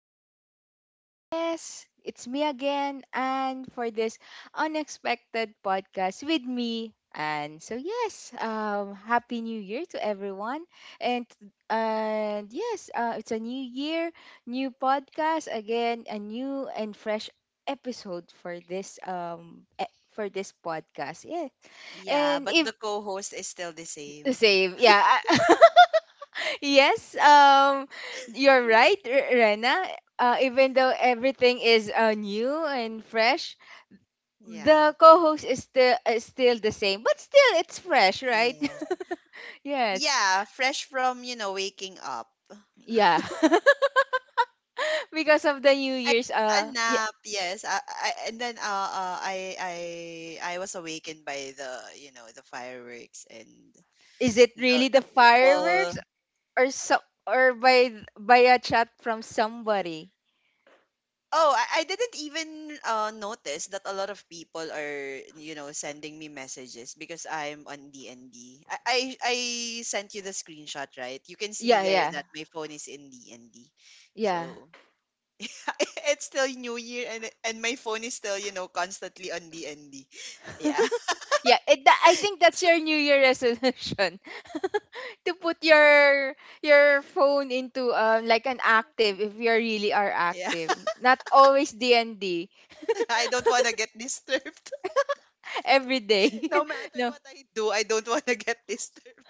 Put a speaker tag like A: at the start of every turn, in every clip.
A: to everyone. Yes, it's me again, and for this unexpected podcast with me. And so, yes, happy new year to everyone. And and yes, it's a new year, new podcast again, a new and fresh episode for this podcast. Yeah,
B: Yeah,
A: and
B: but
A: if
B: the co-host is still the same.
A: same, yeah. Yes, you're right,
B: Mm.
A: Rena. Even though everything is new and fresh,
B: Yeah.
A: the co-host is still the same, but still it's fresh, right?
B: Yes.
A: Yes,
B: Yeah, fresh from, waking up.
A: yeah, because of the New
B: I
A: Year's.
B: took a
A: Yeah,
B: nap, yes. I and then I was awakened by the fireworks and
A: is it
B: the
A: really the
B: the
A: fireworks
B: people.
A: or or by by a chat from somebody?
B: Oh, I didn't even notice that a lot of people are, you know, sending me messages because I'm on DND. I sent you the screenshot, right? You can see
A: Yeah,
B: there
A: yeah,
B: that my phone is in DND.
A: yeah.
B: So it's still New Year and my phone is still, you know, constantly on DND. Yeah.
A: Yeah, I think that's your New Year resolution to put your phone into like an active if you really are
B: Yeah.
A: active, not always D and D
B: I don't want to get disturbed.
A: every day.
B: No matter
A: No,
B: what I do, I don't want to get disturbed.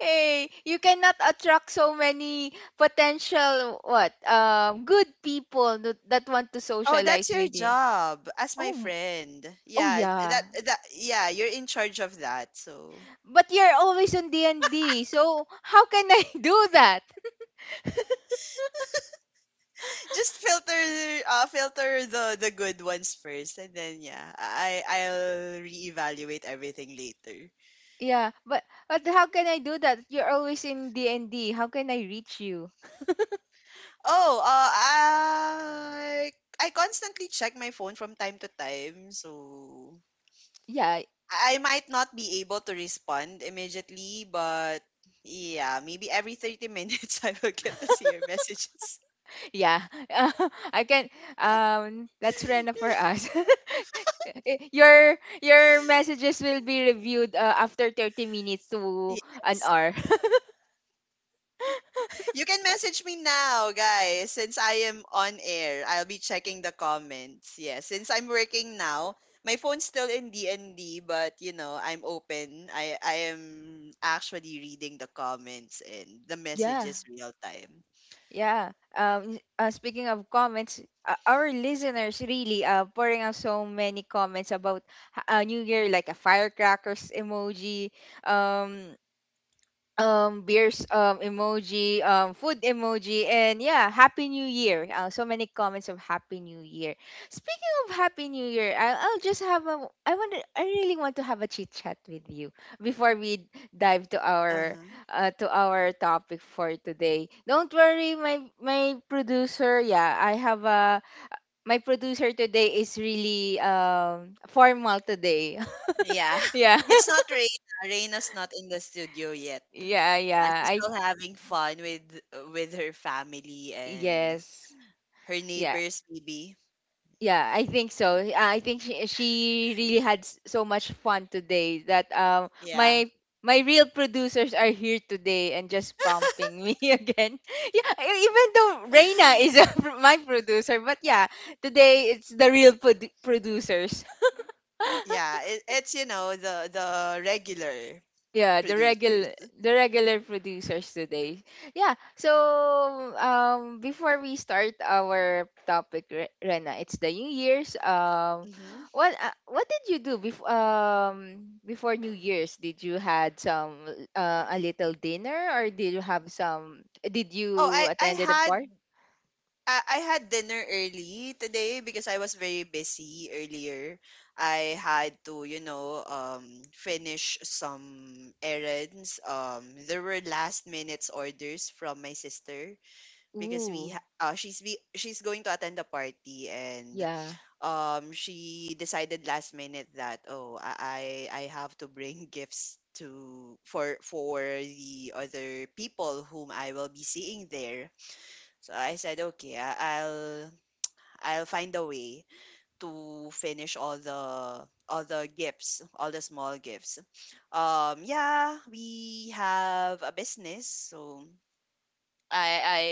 A: hey, you cannot attract so many potential what good people that want to
B: Oh,
A: socialize
B: that's your
A: with you.
B: job as my
A: Oh, m-
B: friend.
A: oh
B: Yeah,
A: yeah,
B: that that yeah, you're in charge of that. So
A: but you're always on D and D, so how can I do that?
B: just filter filter the good ones first, and then yeah, I'll reevaluate everything later.
A: Yeah, but how can I do that? You're always in D and D. How can I reach you?
B: Oh, I constantly check my phone from time to time. So
A: Yeah,
B: I might not be able to respond immediately, but yeah, maybe every 30 minutes I will get to see your messages.
A: yeah. I can. That's Rena for us. I- your your messages will be reviewed after 30 minutes to an
B: Yes.
A: hour.
B: You can message me now, guys. Since I am on air, I'll be checking the comments. Yes, since I'm working now, my phone's still in D&D, but you know, I'm open. I am actually reading the comments and the
A: Yeah,
B: messages real time.
A: yeah. Speaking of comments, our listeners really pouring out so many comments about New Year, like a firecrackers emoji, um beers emoji food emoji, and yeah, happy new year, so many comments of happy new year. Speaking of happy new year, I'll just have a I want to I really want to have a chit chat with you before we dive to
B: Uh-huh.
A: our topic for today. Don't worry, my producer yeah I have a my producer today is really formal today.
B: Yeah.
A: Yeah,
B: It's not Reina. Reina's not in the studio yet.
A: yeah yeah
B: She's still
A: I
B: having fun with her family and
A: yes,
B: her
A: yeah.
B: neighbors maybe.
A: Yeah, I think so. I think she really had so much fun today that
B: Yeah.
A: my my real producers are here today and just prompting me again. Yeah, even though Reina is a, my producer, but yeah, today it's the real producers.
B: Yeah, it's, you know, the regular
A: Yeah, the
B: producers.
A: regular the regular producers today. Yeah. So before we start our topic, Rena, it's the New Year's.
B: Hmm.
A: What what did you do before before New Year's? Did you had some a little dinner, or did you have some, did
B: Oh,
A: you
B: I I
A: attended a
B: had
A: party?
B: I had dinner early today because I was very busy earlier. I had to, you know, um, finish some errands. There were last minutes orders from my sister because
A: Ooh,
B: she's going to attend a party, and
A: yeah.
B: um, she decided last minute that, oh, I have to bring gifts to for the other people whom I will be seeing there. So I said, okay, I'll find a way to finish all the gifts, all the small gifts. Um, yeah, we have a business, so I I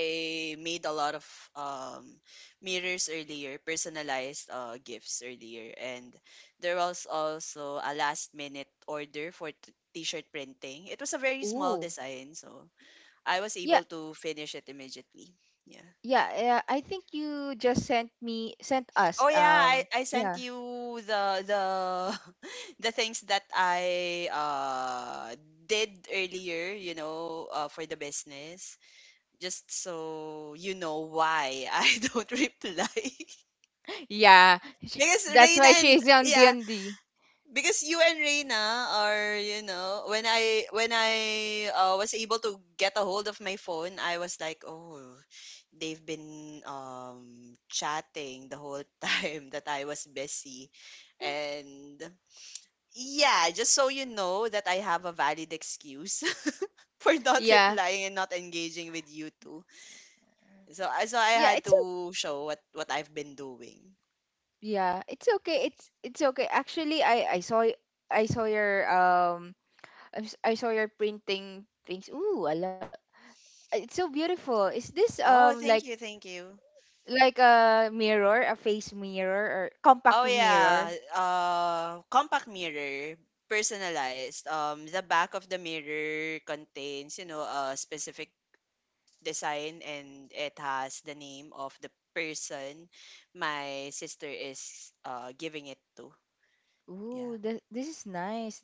B: made a lot of um, mirrors earlier, personalized uh, gifts earlier, and there was also a last minute order for t-shirt printing. It was a very small
A: Ooh.
B: design, so I was
A: Yeah,
B: able to finish it immediately. Yeah.
A: yeah, yeah. I think you just sent me sent us
B: Oh yeah, I
A: yeah.
B: sent you the the things that I did earlier, you know, for the business. Just so you know why I don't reply.
A: Yeah, she,
B: Because
A: that's
B: Reina,
A: why
B: and
A: she's on
B: yeah,
A: D&D.
B: because you and Reina are, you know, when I was able to get a hold of my phone, I was like, "Oh, they've been chatting the whole time that I was busy." And yeah, just so you know that I have a valid excuse for not
A: Yeah,
B: replying and not engaging with you two. So I
A: yeah,
B: had to show what I've been doing.
A: yeah, it's okay. It's okay. Actually, I saw I saw your I saw your printing things. Ooh, I love, it's so beautiful. Is this
B: Oh, thank you, thank you.
A: like a mirror, a face mirror or
B: Oh
A: compact mirror?
B: yeah, compact mirror, personalized. The back of the mirror contains, you know, a specific design, and it has the name of the person my sister is uh, giving it to. Yeah.
A: Ooh, this is nice.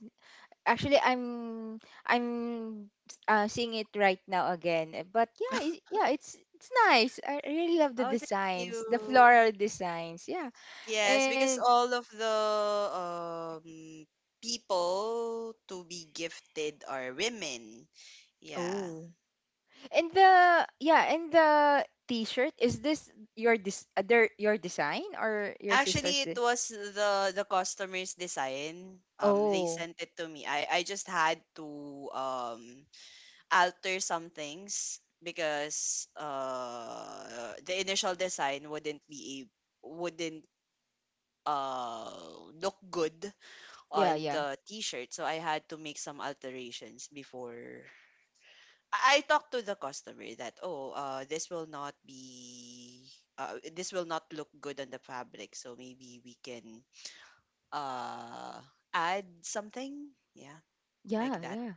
A: Actually, I'm seeing it right now again. But yeah, yeah, it's nice. I really love the
B: Oh, thank
A: designs, the
B: you.
A: floral designs. Yeah,
B: Yes,
A: and
B: because all of the um, people to be gifted are women. Yeah.
A: oh, and the yeah, and the T-shirt, is this your dis other your design or your sister's?
B: Actually, it was the customer's design. They
A: Oh,
B: sent it to me. I just had to um, alter some things because uh, the initial design wouldn't be a wouldn't uh look good
A: yeah,
B: on
A: yeah,
B: the t-shirt, so I had to make some alterations before I talked to the customer that, oh, uh, this will not be this will not look good on the fabric, so maybe we can uh, add something, yeah, like
A: yeah,
B: that,
A: yeah,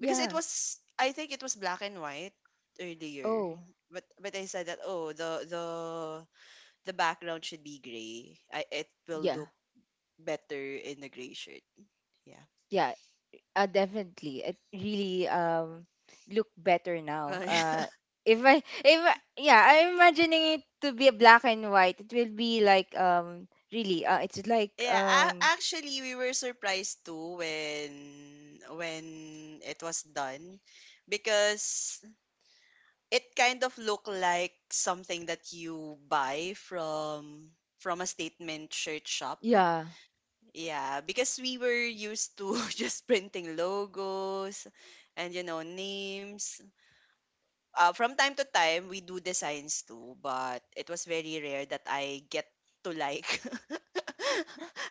B: because it
A: yeah.
B: was, I think it was black and white earlier,
A: Oh,
B: but I said that, oh, the the background should be gray. I, it will
A: yeah,
B: look better in a gray shirt, yeah.
A: yeah. Definitely. It really look better now. If I if I, yeah, I'm imagining it to be a black and white. It will be like really it's like
B: Yeah, actually we were surprised too when it was done because it kind of looked like something that you buy from a statement shirt shop.
A: yeah.
B: Yeah, because we were used to just printing logos and, you know, names, from time to time we do designs too, but it was very rare that I get to like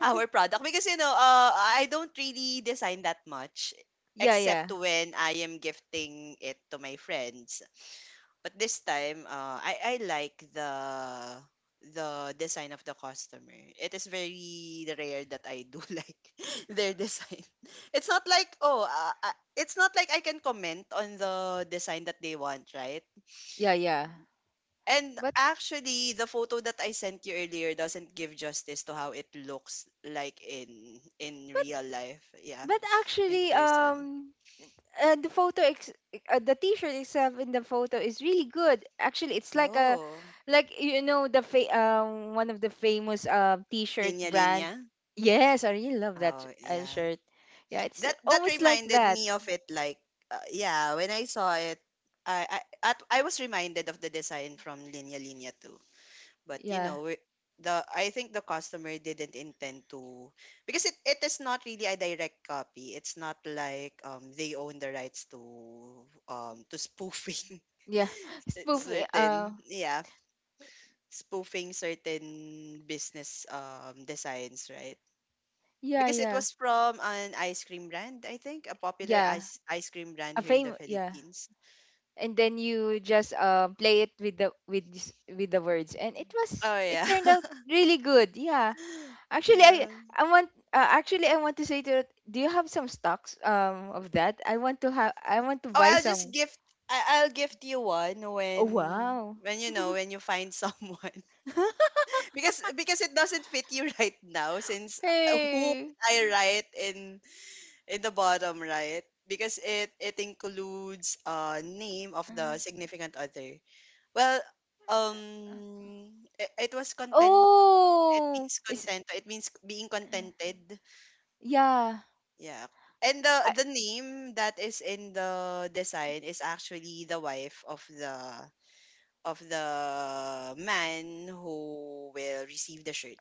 B: our product because, you know, I don't really design that much
A: Yeah, yeah.
B: except when I am gifting it to my friends. But this time, I like the design of the customer. It is very rare that I do like their design. It's not like, oh, it's not like I can comment on the design that they want, right?
A: Yeah, yeah.
B: And
A: But
B: actually, the photo that I sent you earlier doesn't give justice to how it looks like in
A: but
B: real life. Yeah,
A: but
B: in
A: actually
B: person.
A: the photo the t-shirt itself in the photo is really good, actually it's like a
B: Oh,
A: like you know the one of the famous t-shirt
B: linya
A: brand.
B: linya.
A: Yes, I really love that
B: Oh, yeah.
A: shirt. Yeah, it's
B: That that
A: almost like
B: reminded
A: that.
B: me of it. Like, yeah, when I saw it, I I I was reminded of the design from Linya Linya too. But, you
A: Yeah,
B: know, we- the I think the customer didn't intend to because it is not really a direct copy. It's not like um, they own the rights to um, to spoofing
A: yeah, spoof, uh
B: certain, yeah, spoofing certain business um, designs, right?
A: yeah,
B: Because it
A: yeah,
B: was from an ice cream brand, I think a popular
A: yeah,
B: ice cream brand
A: a
B: here in the
A: fame, yeah.
B: Philippines.
A: And then you just play it with the words, and it was,
B: Oh
A: it
B: yeah.
A: turned out really good, yeah. Actually,
B: Yeah.
A: I want, actually I want to say to it, do you have some stocks of that? I want to
B: Oh,
A: buy
B: I'll just
A: some.
B: gift. I'll gift you one
A: Oh
B: when
A: wow.
B: you know, when you find someone because it doesn't fit you right now since, who will
A: Hey.
B: I write in the bottom right, because it includes uh, name of the
A: Um,
B: significant other. Well, um, it was content. It means
A: Oh.
B: content.
A: It's
B: It means being contented.
A: yeah.
B: Yeah. And the
A: I,
B: name that is in the design is actually the wife of the man who will receive the shirt.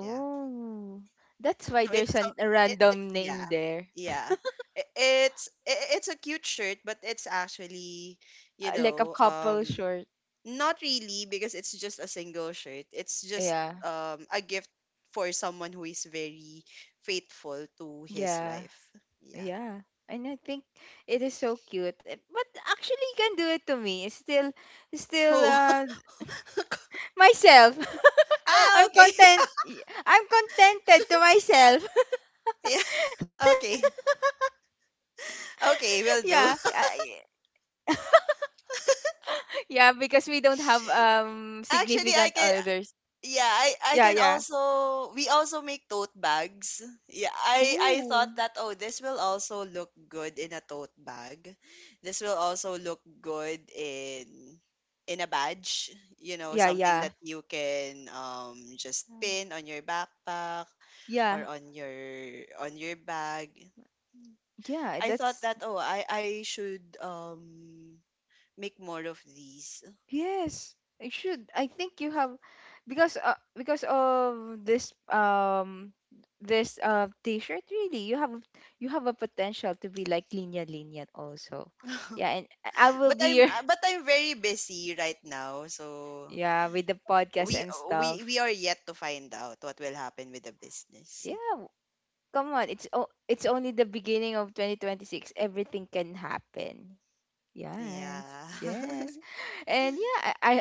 B: Yeah.
A: oh. That's
B: So
A: why
B: it's
A: there's
B: so
A: a
B: it
A: random
B: yeah,
A: name there.
B: yeah I it's a cute shirt, but it's actually, you
A: Like
B: know,
A: a
B: um,
A: couple short.
B: not really, because it's just a single shirt. It's just
A: Yeah.
B: um, a gift for someone who is very faithful to his
A: Yeah.
B: wife. Yeah.
A: Yeah. And I think it is so cute. But actually you can do it to me. It's still
B: Who?
A: myself.
B: Ah,
A: I'm
B: okay.
A: content. I'm contented to myself.
B: Yeah. Okay. Okay.
A: Yeah,
B: Will do.
A: yeah, because we don't have
B: Actually,
A: significant
B: I can.
A: others.
B: Yeah, I
A: Yeah,
B: can
A: yeah.
B: also, we also make tote bags. Yeah, I
A: Ooh,
B: thought that, oh, this will also look good in a tote bag. This will also look good in a badge, you know,
A: yeah,
B: something
A: yeah,
B: that you can um, just pin on your backpack
A: yeah,
B: or on your bag.
A: yeah.
B: I thought
A: That's
B: that, oh, I should um, make more of these.
A: yes. I should. I think you have, because of this t-shirt, really you have, you have a potential to be like Linya Linya also. Yeah, and I will
B: But
A: be your.
B: I'm very busy right now, so
A: Yeah, with the podcast
B: we
A: and
B: we
A: stuff.
B: are yet to find out what will happen with the business.
A: Yeah, come on. It's only the beginning of 2026. Everything can happen. Yes.
B: Yeah.
A: Yes. And yeah, I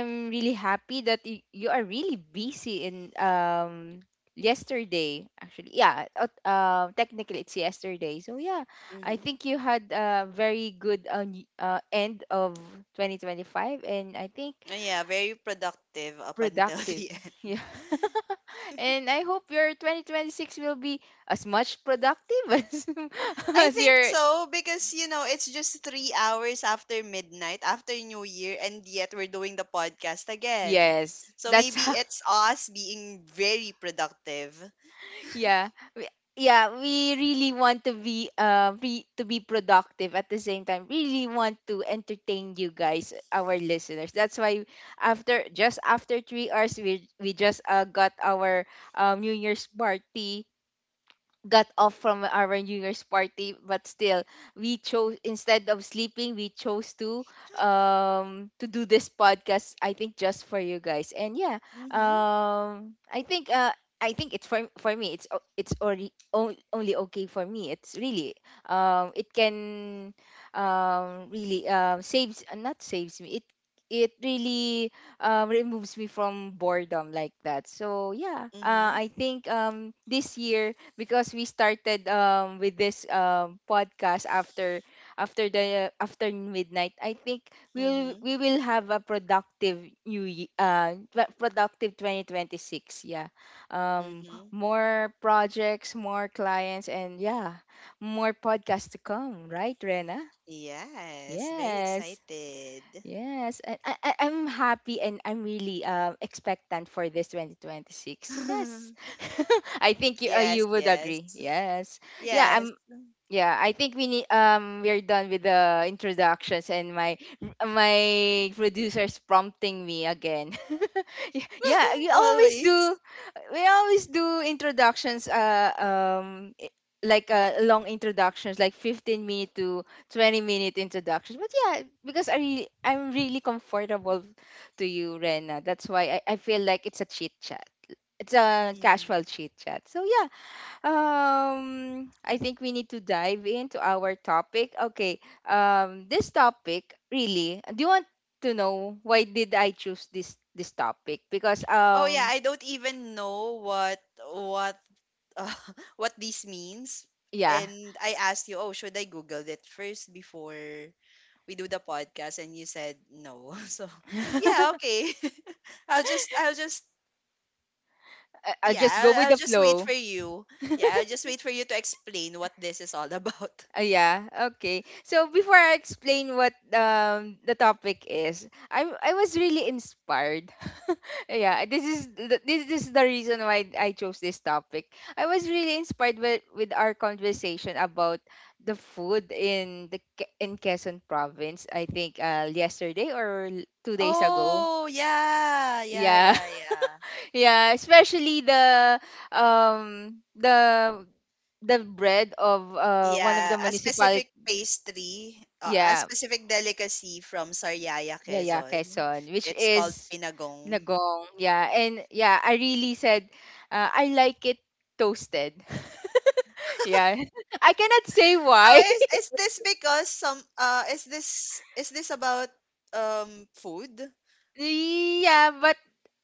A: I'm really happy that you are really busy in yesterday actually. Yeah, technically it's yesterday. So yeah, I
B: Mhm.
A: think you had a very good end of 2025, and I think
B: Yeah, very productive up until
A: productive.
B: the end.
A: Yeah. And I hope your 2026 will be as much productive
B: I
A: as
B: think
A: your
B: so, because you know, it's just 3 hours after midnight after New Year and yet we're doing the podcast again.
A: yes.
B: So
A: That's
B: maybe
A: how,
B: it's us being very productive.
A: yeah. We- Yeah, we really want to be to be productive at the same time. Really want to entertain you guys, our listeners. That's why after 3 hours we just got our New Year's party got off from our New Year's party, but still, we chose, instead of sleeping, we chose to do this podcast. I think just for you guys, and yeah,
B: Mhm.
A: I think it's for me. It's only only okay for me. It's really it can really saves, not saves me. It really removes me from boredom like that. So yeah,
B: Mhm.
A: I think this year, because we started with this podcast after after the after midnight, I think
B: Mhm.
A: we will have a productive productive 2026, yeah. um
B: Mhm.
A: more projects, more clients, and yeah, more podcasts to come, right, Rena?
B: Yes, very
A: Yes.
B: excited.
A: Yes, and I'm happy and I'm really expectant for this 2026. Yes, I think you
B: Yes,
A: you would
B: yes.
A: agree. Yes, yeah,
B: Yes.
A: I'm yeah, I think we need we're done with the introductions, and my producers prompting me again. Yeah, we always
B: Always.
A: do, we always do introductions like long introductions like 15 minute to 20 minute introductions. But yeah, because I really, I'm really comfortable to you, Rena. That's why I feel like it's a chit chat. It's a
B: Mm.
A: casual chit chat. So yeah, I think we need to dive into our topic. Okay. This topic really. Do you want to know why did I choose this topic? Because
B: Oh yeah, I don't even know what uh, what this means.
A: yeah,
B: And I asked you, "Oh, should I Google it first before we do the podcast?" And you said no. So, yeah, okay. I'll just
A: I'll just go
B: yeah,
A: with
B: I'll
A: the
B: just wait
A: flow.
B: for you. Yeah, I'll just wait for you to explain what this is all about.
A: Yeah, okay. So before I explain what the topic is, I was really inspired. Yeah, this is this is the reason why I chose this topic. I was really inspired with our conversation about the food in the in Quezon province. I think yesterday or 2 days ago.
B: Oh, yeah. Yeah,
A: Yeah.
B: yeah, yeah.
A: Yeah, especially um the the bread of one of
B: Yeah,
A: the
B: a
A: municipality,
B: specific pastry, a
A: yeah.
B: specific delicacy from Sariaya,
A: Yeah, yeah,
B: Quezon.
A: Quezon, which
B: It's called
A: is
B: pinagong.
A: Nagong. Yeah, and yeah, I really said, I like it toasted. Yeah, I cannot say why.
B: Oh, is this because some, is this about um, food?
A: Yeah, but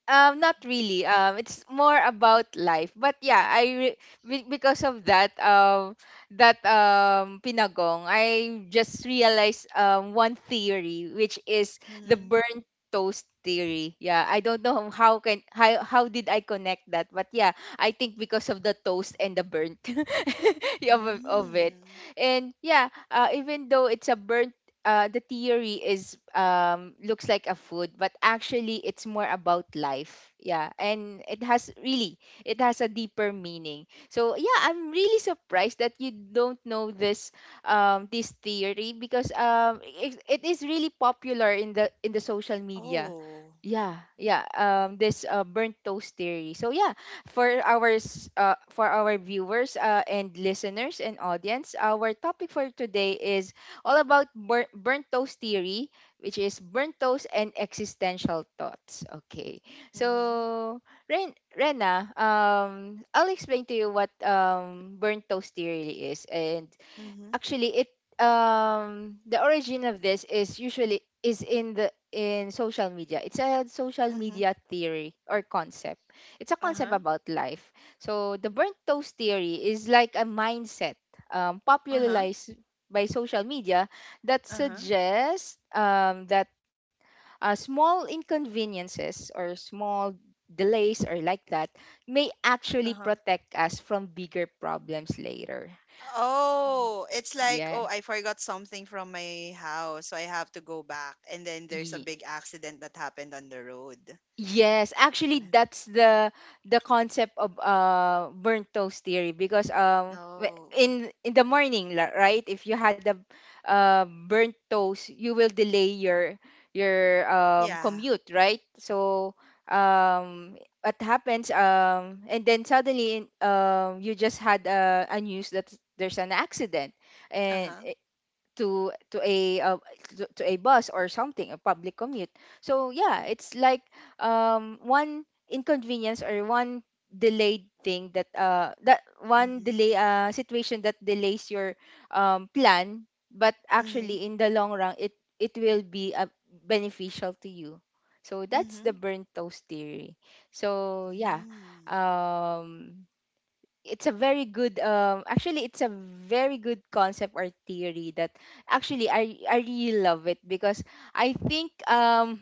A: um, not really. It's more about life. But yeah, because of that pinagong, I just realized one theory, which is the
B: Mm-hmm.
A: burnt toast theory. Yeah, I don't know how can how did I connect that, but yeah, I think because of the toast and the burnt of it.
B: Mm.
A: And yeah, even though it's a burnt the theory is looks like a food, but actually it's more about life. Yeah, and it has really, it has a deeper meaning. So yeah, I'm really surprised that you don't know this theory, because it is really popular in the social media.
B: Oh.
A: Yeah, yeah. This burnt toast theory. So yeah, for our for our viewers and listeners and audience, our topic for today is all about burnt toast theory, which is burnt toast and existential thoughts. Okay.
B: Mm-hmm.
A: So, Rena, I'll explain to you what burnt toast theory is. And
B: Mm-hmm.
A: actually it the origin of this is usually is in the in social media. It's a social
B: Mm-hmm.
A: media theory or concept. It's a concept
B: Uh-huh.
A: about life. So the burnt toast theory is like a mindset
B: Uh-huh.
A: popularized by social media that
B: Uh-huh.
A: suggests that small inconveniences or small delays or like that may actually
B: Uh-huh.
A: protect us from bigger problems later.
B: Oh, it's like,
A: Yeah.
B: oh, I forgot something from my house, so I have to go back. And then there's a big accident that happened on the road.
A: Yes, actually
B: Ma-
A: that's the concept of burnt toast theory because
B: Oh,
A: in the morning right, if you had a burnt toast, you will delay your
B: yeah.
A: commute, right? So um what happens and then suddenly you just had a news that there's an accident and
B: Uh-huh.
A: to to a uh, to a bus or something, a public commute. So yeah, it's like one inconvenience or one delayed thing that one
B: Mm-hmm.
A: delay situation that delays your plan, but
B: Mm-hmm.
A: actually in the long run it it will be beneficial to you. So that's
B: Mm-hmm.
A: the burnt toast theory. So yeah,
B: Mm.
A: um it's a very good actually it's a very good concept or theory that actually I really love it because I think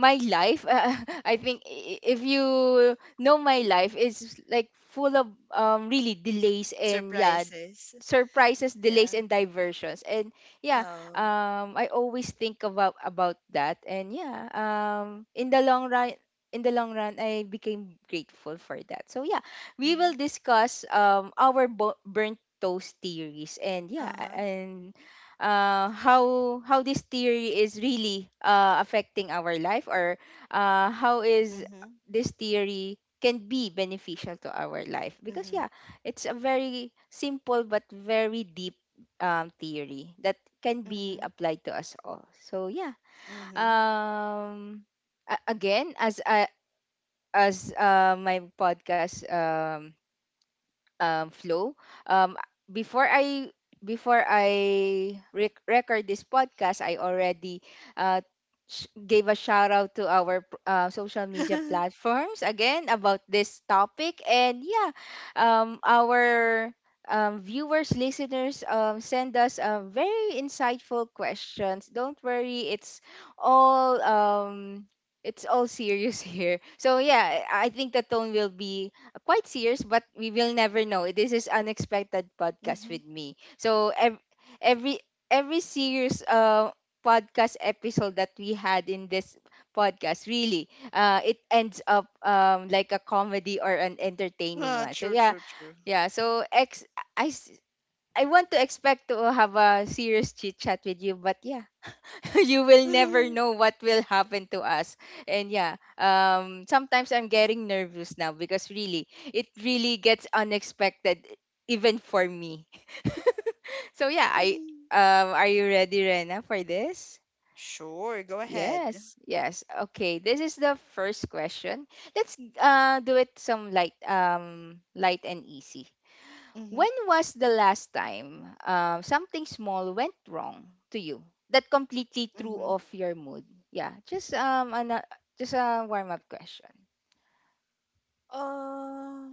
A: my life I think I- if you know, my life is like full of really delays and yeah,
B: Surprises.
A: surprises, delays,
B: Yeah.
A: and diversions, and yeah,
B: Oh.
A: I always think about that, and yeah, in the long run, in the long run I became grateful for that. So yeah, we will
B: Mm-hmm.
A: discuss our burnt toast theories, and yeah,
B: Uh-huh.
A: and uh, how how this theory is really affecting our life or how is
B: Mm-hmm.
A: this theory can be beneficial to our life, because
B: Mm-hmm.
A: yeah, it's a very simple but very deep theory that can be
B: Mm-hmm.
A: applied to us all. So yeah,
B: Mm-hmm.
A: um again, as I as my podcast flow. Um, before I before I record this podcast, I already uh, gave a shout out to our social media platforms again about this topic. And yeah, our viewers, listeners, send us very insightful questions. Don't worry, all um, it's all serious here. So yeah, I think the tone will be quite serious, but we will never know. This is unexpected podcast
B: Mm-hmm.
A: with me. So every every serious podcast episode that we had in this podcast really it ends up like a comedy or an entertaining
B: Ah,
A: one. So
B: true,
A: yeah,
B: true, true.
A: yeah. So I s- I want to expect to have a serious chit chat with you, but yeah, you will never know what will happen to us. And yeah, sometimes I'm getting nervous now because really, it really gets unexpected, even for me. So yeah, I
B: Hmm.
A: are you ready, Rena, for this?
B: Sure, go ahead.
A: Yes, yes. Okay, this is the first question. Let's do it some light, light and easy.
B: Mm-hmm.
A: When was the last time something small went wrong to you that completely threw
B: Mm-hmm.
A: off your mood? Yeah, just just a warm up question.
B: Uh.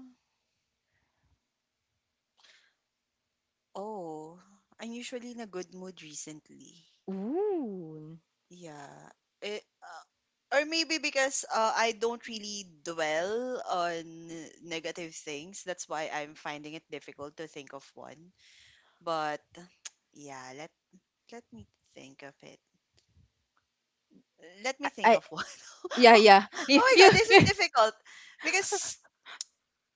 B: Oh, I'm usually in a good mood recently.
A: Ooh,
B: Yeah. Eh, or maybe because I don't really dwell on negative things. That's why I'm finding it difficult to think of one. But, yeah, let me think of it. Let
A: I,
B: me think
A: I
B: of one.
A: yeah,
B: Oh,
A: yeah. you,
B: oh my
A: you
B: god, this is difficult because,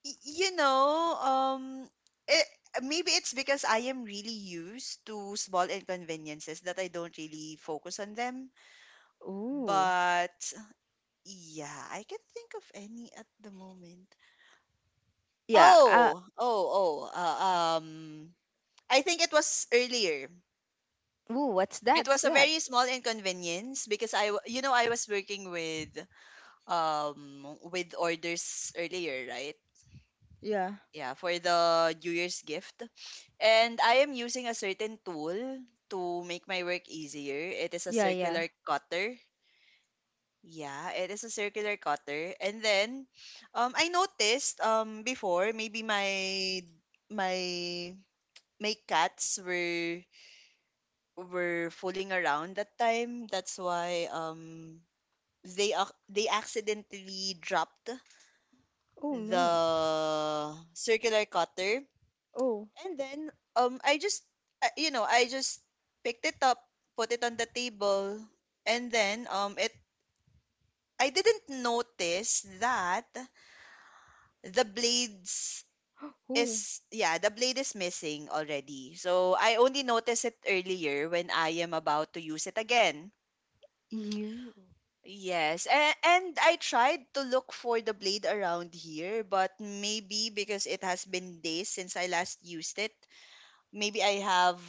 B: you know, it, maybe it's because I am really used to small inconveniences that I don't really focus on them.
A: ooh,
B: But yeah, I can not think of any at the moment.
A: yeah, uh,
B: Oh, oh, oh. I think it was earlier.
A: ooh, what's that?
B: It
A: What's
B: was a
A: that?
B: very small inconvenience because I, w- you know, I was working um with orders earlier, right?
A: Yeah,
B: Yeah, for the new year's gift, and I am using a certain tool to make my work easier. It is a
A: yeah, yeah.
B: circular cutter. Yeah, it is a circular cutter, and then I noticed before, maybe my my cats were fooling around that time. That's why they accidentally dropped
A: Oh no.
B: the circular cutter.
A: Oh.
B: And then I just I just picked it up, put it on the table, and then it I didn't notice that the blades
A: Ooh,
B: is yeah, the blade is missing already. So I only noticed it earlier when I am about to use it again.
A: you,
B: Yes, and I tried to look for the blade around here, but maybe because it has been days since I last used it, maybe I have,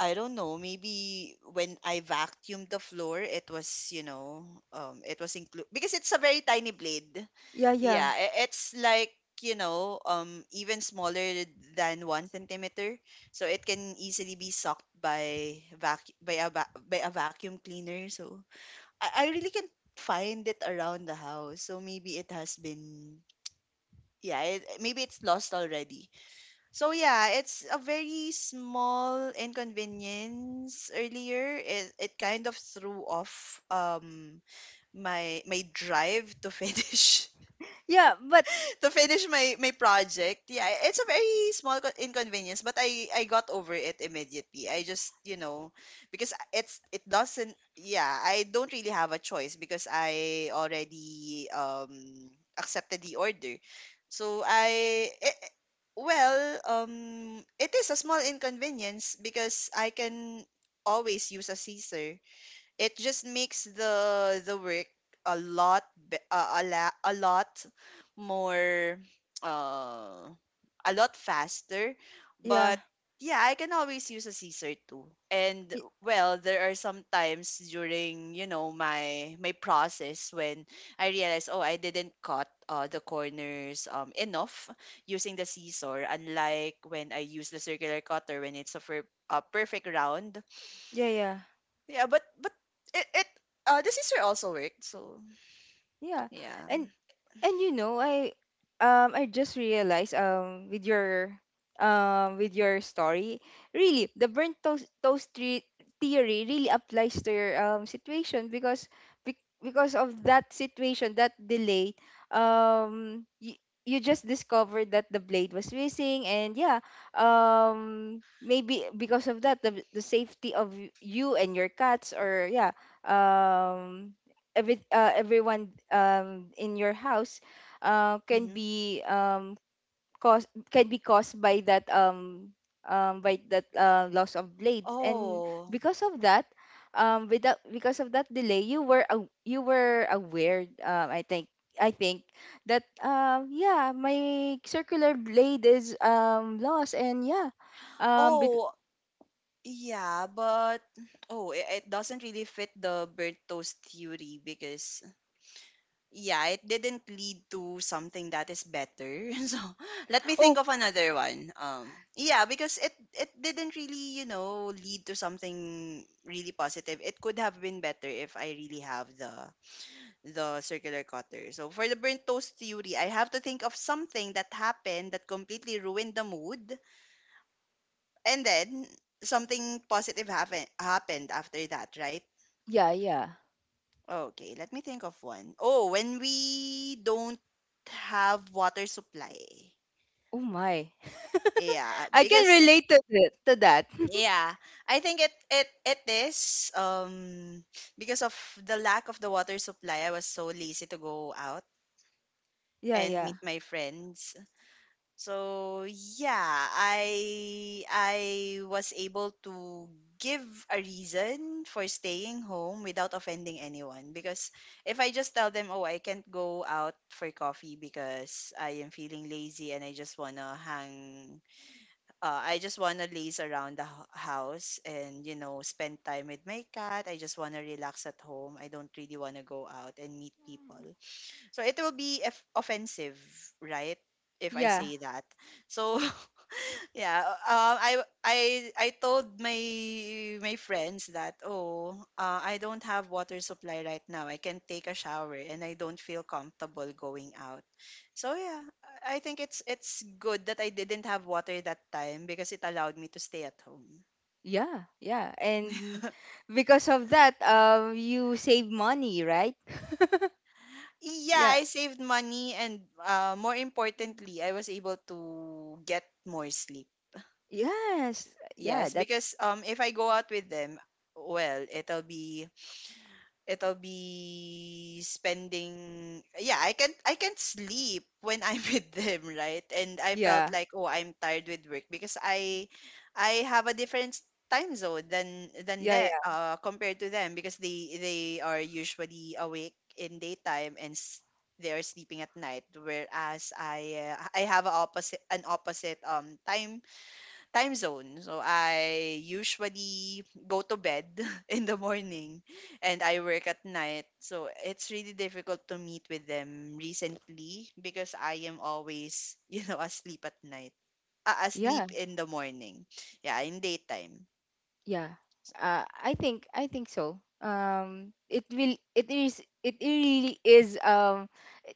B: I don't know, maybe when I vacuumed the floor, it was included because it's a very tiny blade.
A: yeah,
B: Yeah,
A: yeah,
B: it's like, even smaller than 1 cm centimeter. So it can easily be sucked by vac by a va- by a vacuum cleaner. So I really can't find it around the house. So maybe it has been, yeah, maybe it's lost already. So yeah, it's a very small inconvenience earlier. It kind of threw off my drive to finish
A: yeah, but
B: to finish my project. Yeah, it's a very inconvenience, but I got over it immediately. I just, because it's it doesn't, yeah, I don't really have a choice because I already accepted the order. So well, it is a small inconvenience because I can always use a scissor. It just makes the work a lot, a lot more, uh a lot faster, but
A: yeah,
B: yeah, I can always use a caesar too. And
A: y-
B: well, there are some times during, my my process, when I realize, oh, I didn't cut the corners enough using the scissor, unlike when I use the circular cutter when it's a perfect round.
A: yeah, yeah,
B: Yeah, but it it the sister also worked, so
A: yeah,
B: yeah.
A: and. And you know, I just realized with your story, really the burnt toast theory really applies to your situation, because because of that situation, that delay, you, you just discovered that the blade was missing. And yeah, maybe because of that, the safety of you and your cats, or yeah, um every everyone in your house can
B: Mm-hmm.
A: be caused, can be caused by that loss of blades. And
B: Oh.
A: because of that without because of that delay, you were aw you were aware I think, I think that yeah, my circular blade is lost. And yeah, um, bec-
B: Oh, yeah, but oh, it doesn't really fit the burnt toast theory because yeah, it didn't lead to something that is better. So let me think
A: oh,
B: of another one. Yeah, because it didn't really, lead to something really positive. It could have been better if I really have the circular cutter. So for the burnt toast theory, I have to think of something that happened that completely ruined the mood, and then something happened after that, right?
A: yeah, yeah,
B: Okay, let me think of one. Oh, when we don't have water supply.
A: oh my.
B: Yeah,
A: I can
B: because
A: relate to, to that.
B: yeah, I think it it it is because of the lack of the water supply, I was so lazy to go out
A: Yeah,
B: and
A: yeah,
B: meet my friends. So yeah, I was able to give a reason for staying home without offending anyone, because if I just tell them, "Oh, I can't go out for coffee because I am feeling lazy and I just want to hang, I just want to laze around the house and, spend time with my cat. I just want to relax at home. I don't really want to go out and meet people." So it will be if offensive, right? If I
A: yeah.
B: say that. So yeah, I told my my friends that, oh, I don't have water supply right now. I can take a shower and I don't feel comfortable going out. So yeah, I think it's good that I didn't have water that time because it allowed me to stay at home.
A: Yeah, yeah. And because of that, you save money, right?
B: Yeah,
A: Yeah.
B: I saved money, and more importantly, I was able to get more sleep.
A: Yes. Yeah,
B: Yes,
A: that,
B: because if I go out with them, well, it'll be spending yeah, I can't sleep when I'm with them, right? And I felt
A: yeah.
B: like, oh, I'm tired with work because I have a different time zone
A: Yeah,
B: than that
A: yeah.
B: compared to them because they are usually awake in daytime and they are sleeping at night, whereas I, I have a opposite, an opposite time time zone. So I usually go to bed in the morning and I work at night. So it's really difficult to meet with them recently because I am always, asleep at night.
A: Yeah,
B: Asleep in the morning. Yeah, in daytime.
A: yeah. I think, I think so. It will, it is, it really is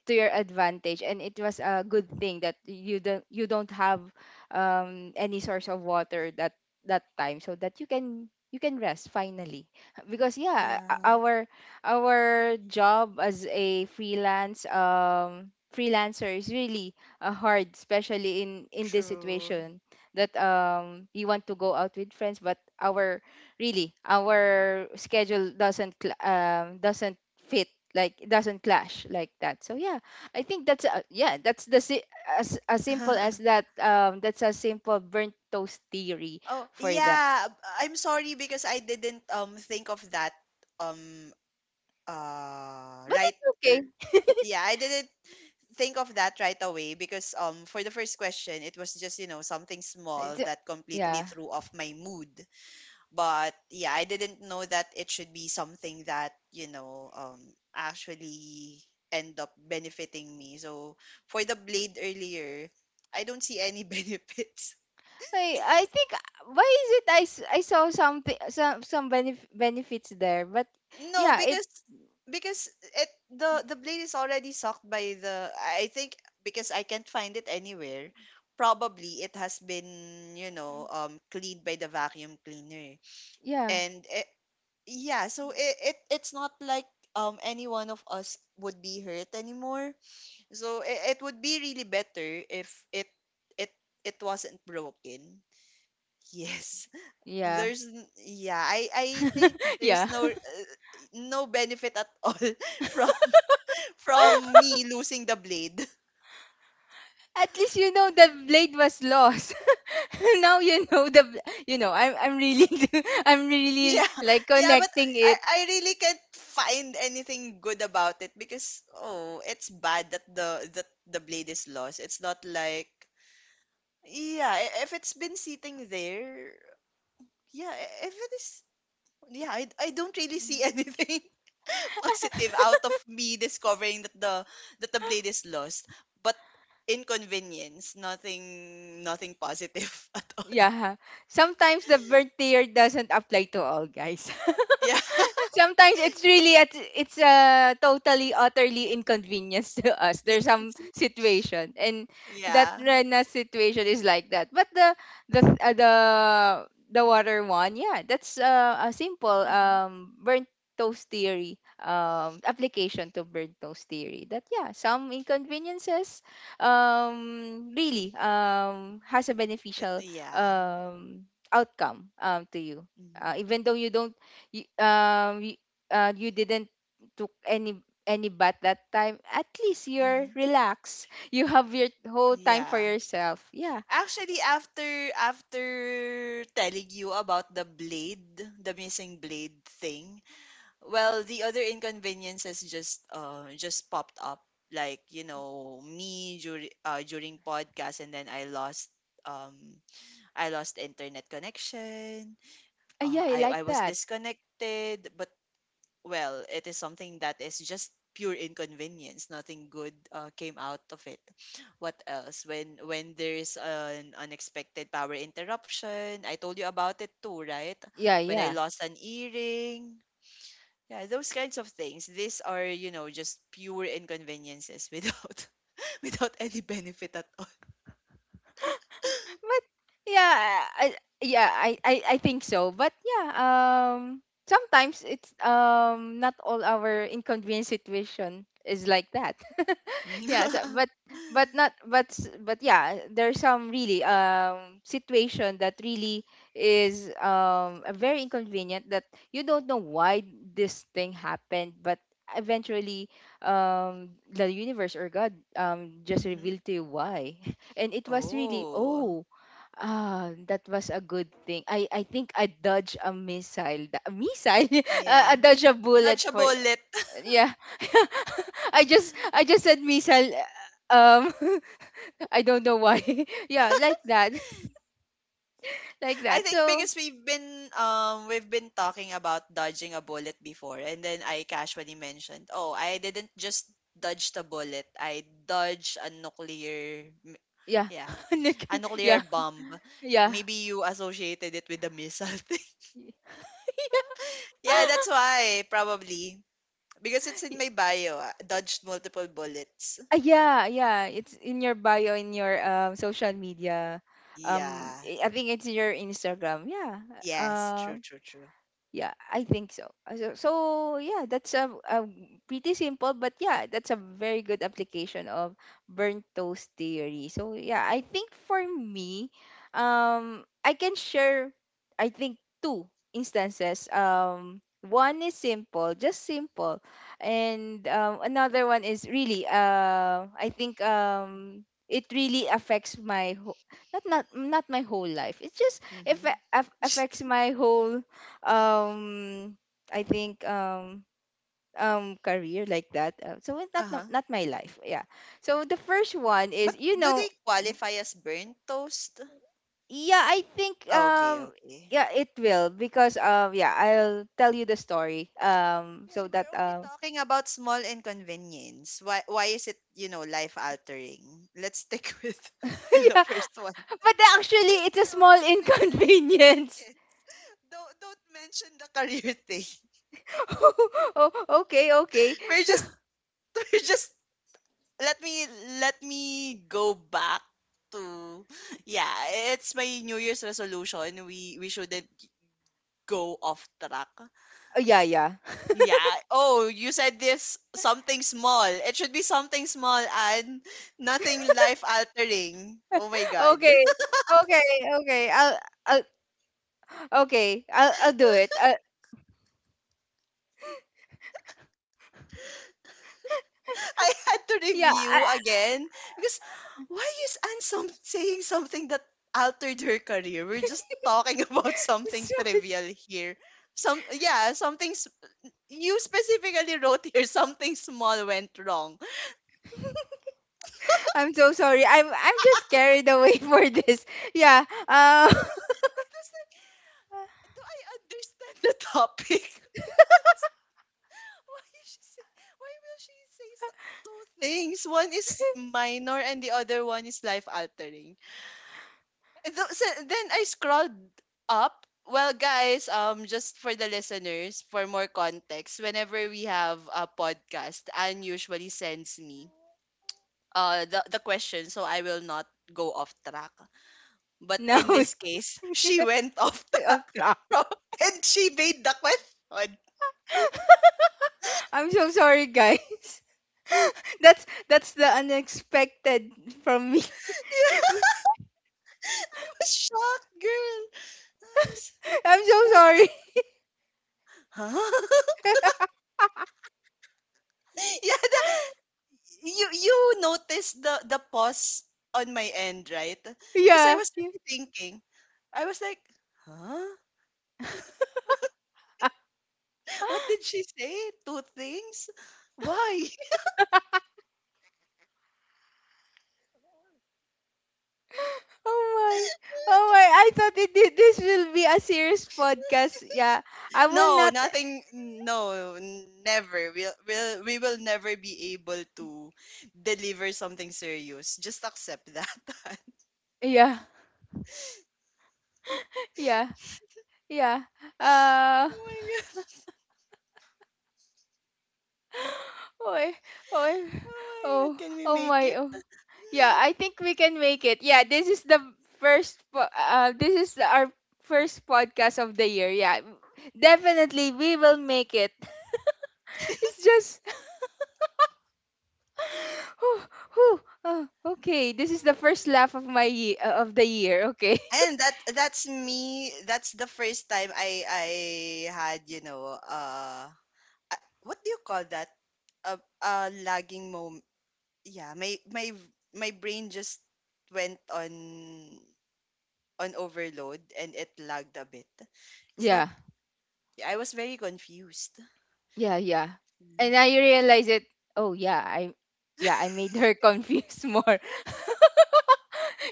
A: to your advantage, and it was a good thing that you don't, you don't have any source of water that that time, so that you can, you can rest finally because yeah,
B: Yeah.
A: o- our our job as a freelance freelancer is really hard, especially in this
B: True.
A: situation, that we want to go out with friends, but our really our schedule doesn't doesn't fit, like it doesn't clash like that. So yeah, I think that's yeah, that's the as simple as that. That's a simple burnt toast theory
B: Oh,
A: for that.
B: yeah. I'm sorry because I didn't think of that um
A: But
B: right.
A: it's okay.
B: Yeah, I didn't think of that right away because for the first question it was just, something small
A: It's,
B: that completely
A: yeah.
B: threw off my mood. But yeah, I didn't know that it should be something that, actually end up benefiting me. So for the blade earlier, I don't see any benefits.
A: I think, why is it I, I saw something, some benefits there, but
B: No,
A: yeah, it,
B: because it the blade is already sucked by the, I think, because I can't find it anywhere. Probably it has been, cleaned by the vacuum cleaner.
A: yeah,
B: And yeah, so it it's not like any one of us would be hurt anymore. So it would be really better if it it wasn't broken. Yes,
A: yeah.
B: there's yeah, I think there's
A: Yeah.
B: no no benefit at all from from me losing the blade.
A: At least you know the blade was lost. Now you know the you know, I'm really I'm really
B: Yeah.
A: like
B: Yeah, but
A: connecting it.
B: I really can't find anything good about it because oh, it's bad that the blade is lost. It's not like yeah, if it's been sitting there, yeah, if it is, yeah, I don't really see anything positive out of me discovering that the blade is lost. But inconvenience, nothing positive at all.
A: Yeah. Sometimes the birth tier doesn't apply to all guys.
B: Yeah.
A: Sometimes it's really at it's a totally utterly inconvenience to us.
B: Yes.
A: There's some situation, and that
B: Yeah.
A: Rena situation is like that. But the, the uh, the the water one, yeah, that's a simple
B: Hmm.
A: burnt toast theory application to burnt toast theory. That yeah, some inconveniences really has a beneficial
B: Yeah.
A: outcome to you,
B: Hmm.
A: even though you don't, you, you, you didn't took any bath that time, at least you're
B: Hmm.
A: relaxed you have your whole time for
B: Yeah.
A: yourself, yeah.
B: Actually, after after telling you about the blade, the missing blade thing, well, the other inconveniences just popped up like, me during during podcast, and then um I lost internet connection.
A: Yeah, I
B: I
A: like
B: I was
A: that.
B: disconnected, but well, it is something that is just pure inconvenience. Nothing good came out of it. What else? When there's an unexpected power interruption, I told you about it too, right?
A: Yeah,
B: When I
A: yeah,
B: lost an earring, yeah, those kinds of things. These are, just pure inconveniences without without any benefit at all.
A: but yeah, I, yeah, I think so. But yeah, sometimes it's not all our inconvenient situation is like that. Yeah, so, but not, but but yeah, there's some really situation that really is a very inconvenient that you don't know why this thing happened, but eventually the universe or god just
B: Hmm.
A: revealed to you why. And it was really,
B: Oh.
A: oh, ah, that was a good thing. I think I dodged a missile. A missile? Uh, I
B: Yeah.
A: dodged a
B: Dodge
A: bullet
B: a
A: for,
B: bullet.
A: yeah. I just, I just said missile. Uh, um, I don't know why. Yeah, like that, like
B: I
A: that.
B: think
A: So
B: because we've been talking about dodging a bullet before, and then I casually mentioned, "Oh, I didn't just dodge the bullet. I dodged a nuclear
A: yeah,
B: yeah, a
A: Nick-,
B: nuclear
A: yeah,
B: bomb."
A: yeah.
B: Maybe you associated it with the missile. Yeah, that's why probably, because it's in my bio. Ah, dodged multiple bullets.
A: Ah, yeah, yeah. It's in your bio, in your social media.
B: Yeah.
A: I think it's in your Instagram. Yeah.
B: Yes.
A: Uh,
B: True. True. True.
A: yeah, I think so. So, so yeah, that's a pretty simple, but yeah, that's a very good application of burnt toast theory. So yeah, I think for me, I can share, I think, two instances. One is simple, just simple, and another one is really, I think it really affects my whole, not, not, not my whole life. It's just if
B: Mm-hmm.
A: affects my whole um I think career, like that. So it's not,
B: Uh
A: not,
B: huh.
A: not my life. Yeah. So the first one is,
B: But
A: you
B: do they
A: know,
B: qualify as burnt toast?
A: yeah, I think
B: Ah, okay. Okay.
A: yeah, it will, because yeah, I'll tell you the story
B: Hey,
A: so that
B: we're only talking about small inconvenience. Why? Why is it, life altering? Let's stick with the
A: yeah,
B: first one.
A: but actually
B: Just,
A: it's a small
B: a trivial
A: inconvenience.
B: inconvenience. Don't mention the career thing.
A: Oh, okay, okay,
B: We're
A: so
B: just we're just, let me let me go back to yeah, it's my new year's resolution. We shouldn't go off track.
A: oh, yeah, yeah,
B: Yeah, oh, you said this something small, it should be something small and nothing life altering, oh my god.
A: okay, okay, okay, I'll okay, I'll do it.
B: I had to
A: Yeah. I,
B: review again because why is Anne some saying something that altered her career? We're just talking about something
A: So it's-
B: trivial here. Some, yeah, something you specifically wrote here something small went wrong. And
A: I'm so sorry. I'm just carried away for this. Yeah.
B: it was like, do I understand the topic? Why is she say, why will she say so, two things? One is minor and the other one is life altering. So then I scrolled up. Well, guys, just for the listeners, for more context, whenever we have a podcast, Anne usually sends me the question so I will not go off track. But
A: Now
B: in this case, she went off
A: off
B: track
A: track.
B: from, and she made the question.
A: I'm so sorry, guys. That's the unexpected from me.
B: Yeah, I was shocked, girl. I was,
A: I'm so
B: I was like,
A: sorry.
B: huh? Yeah, the, you noticed the pause on my end, right? Because I
A: Yeah,
B: was
A: yeah.
B: really thinking. I was like, huh? What did she say? Two things? Why?
A: Oh my. Oh my. I thought it did, this will be a serious podcast. Yeah. I will
B: No,
A: not.
B: nothing. No, never. We will never be able to deliver something serious. Just accept that.
A: Yeah. Yeah. Yeah. Uh,
B: Oh my god.
A: oh, oh,
B: Oh
A: oh.
B: my god. Can we
A: Oh
B: make
A: my.
B: it?
A: Oh. Yeah, I think we can make it. Yeah, this is the this is our first podcast of the year. Yeah. Definitely we will make it. It's just whew, whew, uh, okay, this is the first laugh of of the year, okay?
B: And that that's me. That's the first time I had, what do you call that, a lagging moment. Yeah, my my brain just went on overload and it lagged a bit. It's like,
A: Yeah.
B: yeah, I was very confused.
A: Yeah, yeah.
B: Yeah.
A: And I realize it. Oh, yeah, I, yeah, I made her confused more.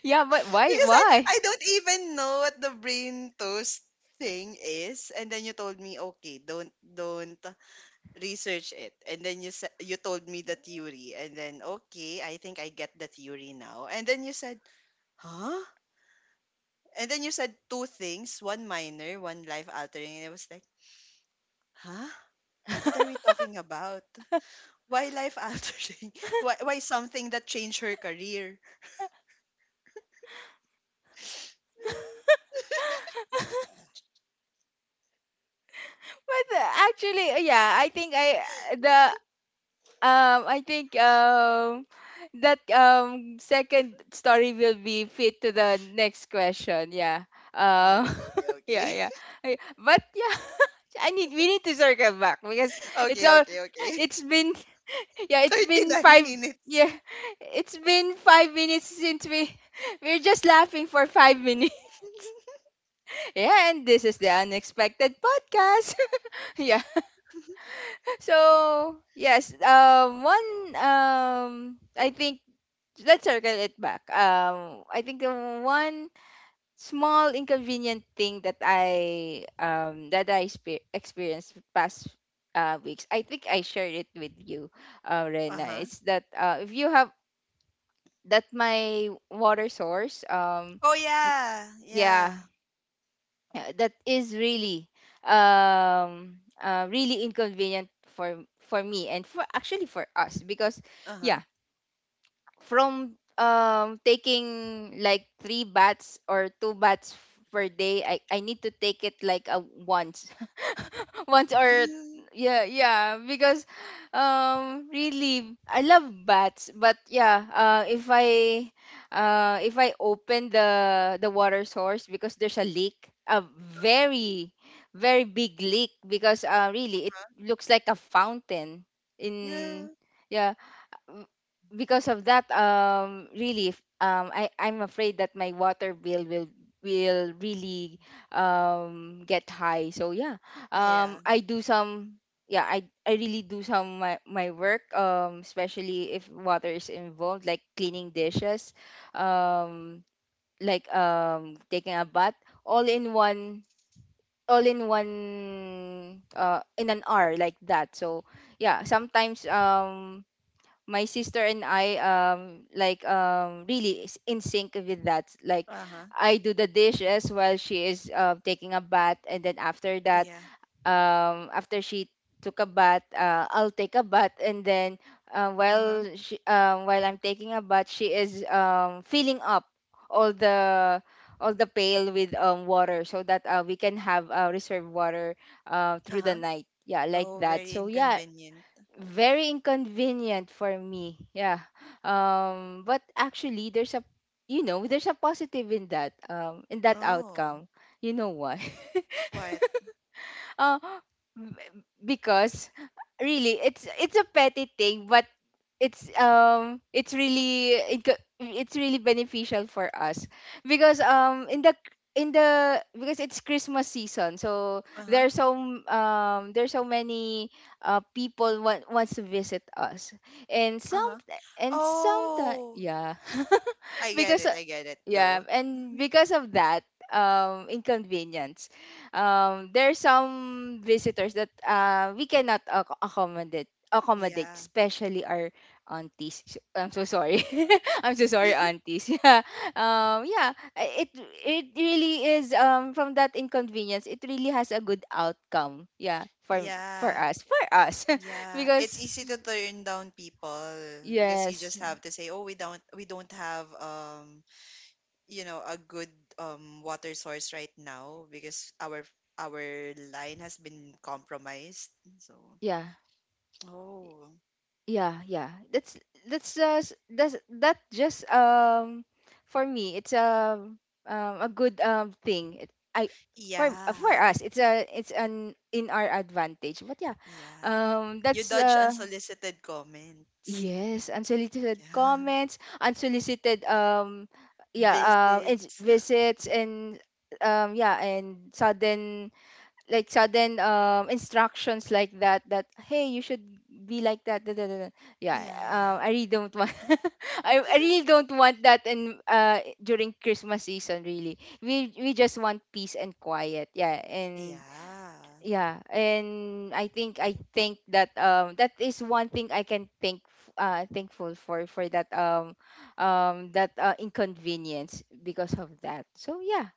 A: Yeah, but why,
B: Because I,
A: why?
B: I don't even know what the brain toast thing is. And then you told me, okay, don't research it. And then you told me the theory. And then okay, I think I get the theory now. And then you said, huh? And then you said two things, one minor, one life altering. And I was like, huh? What are we talking about? Why life altering? Why something that changed her career?
A: But actually, yeah, I think I, the, I think that second story will be fit to the next question. Yeah. Uh,
B: Okay, okay,
A: yeah,
B: okay.
A: yeah. I, but yeah, I need, we need to circle back because it's
B: Okay,
A: all,
B: okay, okay.
A: it's been, yeah, it's been
B: 39
A: five,
B: minutes.
A: yeah, it's been five minutes since we we're just laughing for five minutes. Yeah, and this is the unexpected podcast. Yeah. So yes, one I think let's circle it back. I think the one small inconvenient thing that I experienced past weeks, I think I shared it with you, Rena,
B: Uh-huh.
A: is that if you have that my water source
B: Oh,
A: m-
B: yeah. Yeah.
A: yeah, that is really really inconvenient for for me and for actually for us. Because
B: Uh-huh.
A: yeah, from taking like three baths or two baths per day, I need to take it like a once, once or yeah. Yeah, because really I love baths, but yeah, if I open the water source, because there's a leak, a very, very big leak, because really it looks like a fountain
B: Yeah.
A: in yeah. m- because of that, really f- I I'm afraid that my water bill will really get high. So yeah,
B: Yeah.
A: I do some, yeah, I really do some, my work, especially if water is involved, like cleaning dishes, um taking a bath, all in one, all in one in an hour, like that. So yeah, sometimes my sister and I really is in sync with that. Like
B: Uh-huh.
A: I do the dishes while she is taking a bath, and then after that,
B: Yeah.
A: after she took a bath, I'll take a bath, and then
B: Uh-huh.
A: while I'm taking a bath, she is filling up all the all the pail with water, so that we can have reserve water through the
B: Uh-huh.
A: night. Yeah, like
B: Oh,
A: that.
B: very
A: So yeah,
B: inconvenient.
A: very inconvenient for me. Yeah. But actually, there's a, you know, there's a positive in that, in that
B: Oh,
A: outcome. You know why?
B: what?
A: uh b- because really, it's a petty thing, but it's, it's really, it's really beneficial for us, because in the, because it's Christmas season, so
B: Uh-huh.
A: there's so, there's so many people wants to visit us, and some,
B: Uh-huh.
A: and sometimes,
B: Oh,
A: yeah.
B: I get
A: because
B: it. I get it.
A: yeah
B: Go.
A: and because of that inconvenience, there are some visitors that we cannot accommodate,
B: Yeah.
A: especially our aunties. So, I'm so sorry, I'm so sorry, aunties. yeah, yeah, it it really is, from that inconvenience, it really has a good outcome. Yeah, for for
B: Yeah.
A: us for us,
B: Yeah. It's
A: because
B: easy to turn down people because you
A: yes,
B: just have to say, "Oh, we don't have you know a good water source right now because our line has been compromised. So,
A: yeah.
B: oh,
A: Yeah, yeah. That's that just, for me it's a, a good thing. It, I for
B: yeah.
A: us, it's a, it's an, in our advantage. But yeah,
B: Yeah. You
A: that's
B: dodge unsolicited comments.
A: yes, unsolicited
B: Yeah.
A: comments, unsolicited, yeah, it's
B: Visits.
A: visits, and yeah, and sudden, like sudden instructions, like that, that, "Hey, you should be like that, da, da, da, da." Yeah,
B: Yeah, yeah, yeah.
A: I really don't want, I really don't want that in during Christmas season. Really, we just want peace and quiet. Yeah. And
B: Yeah.
A: yeah, and I think that that is one thing I can think, thankful for that that inconvenience, because of that. So yeah,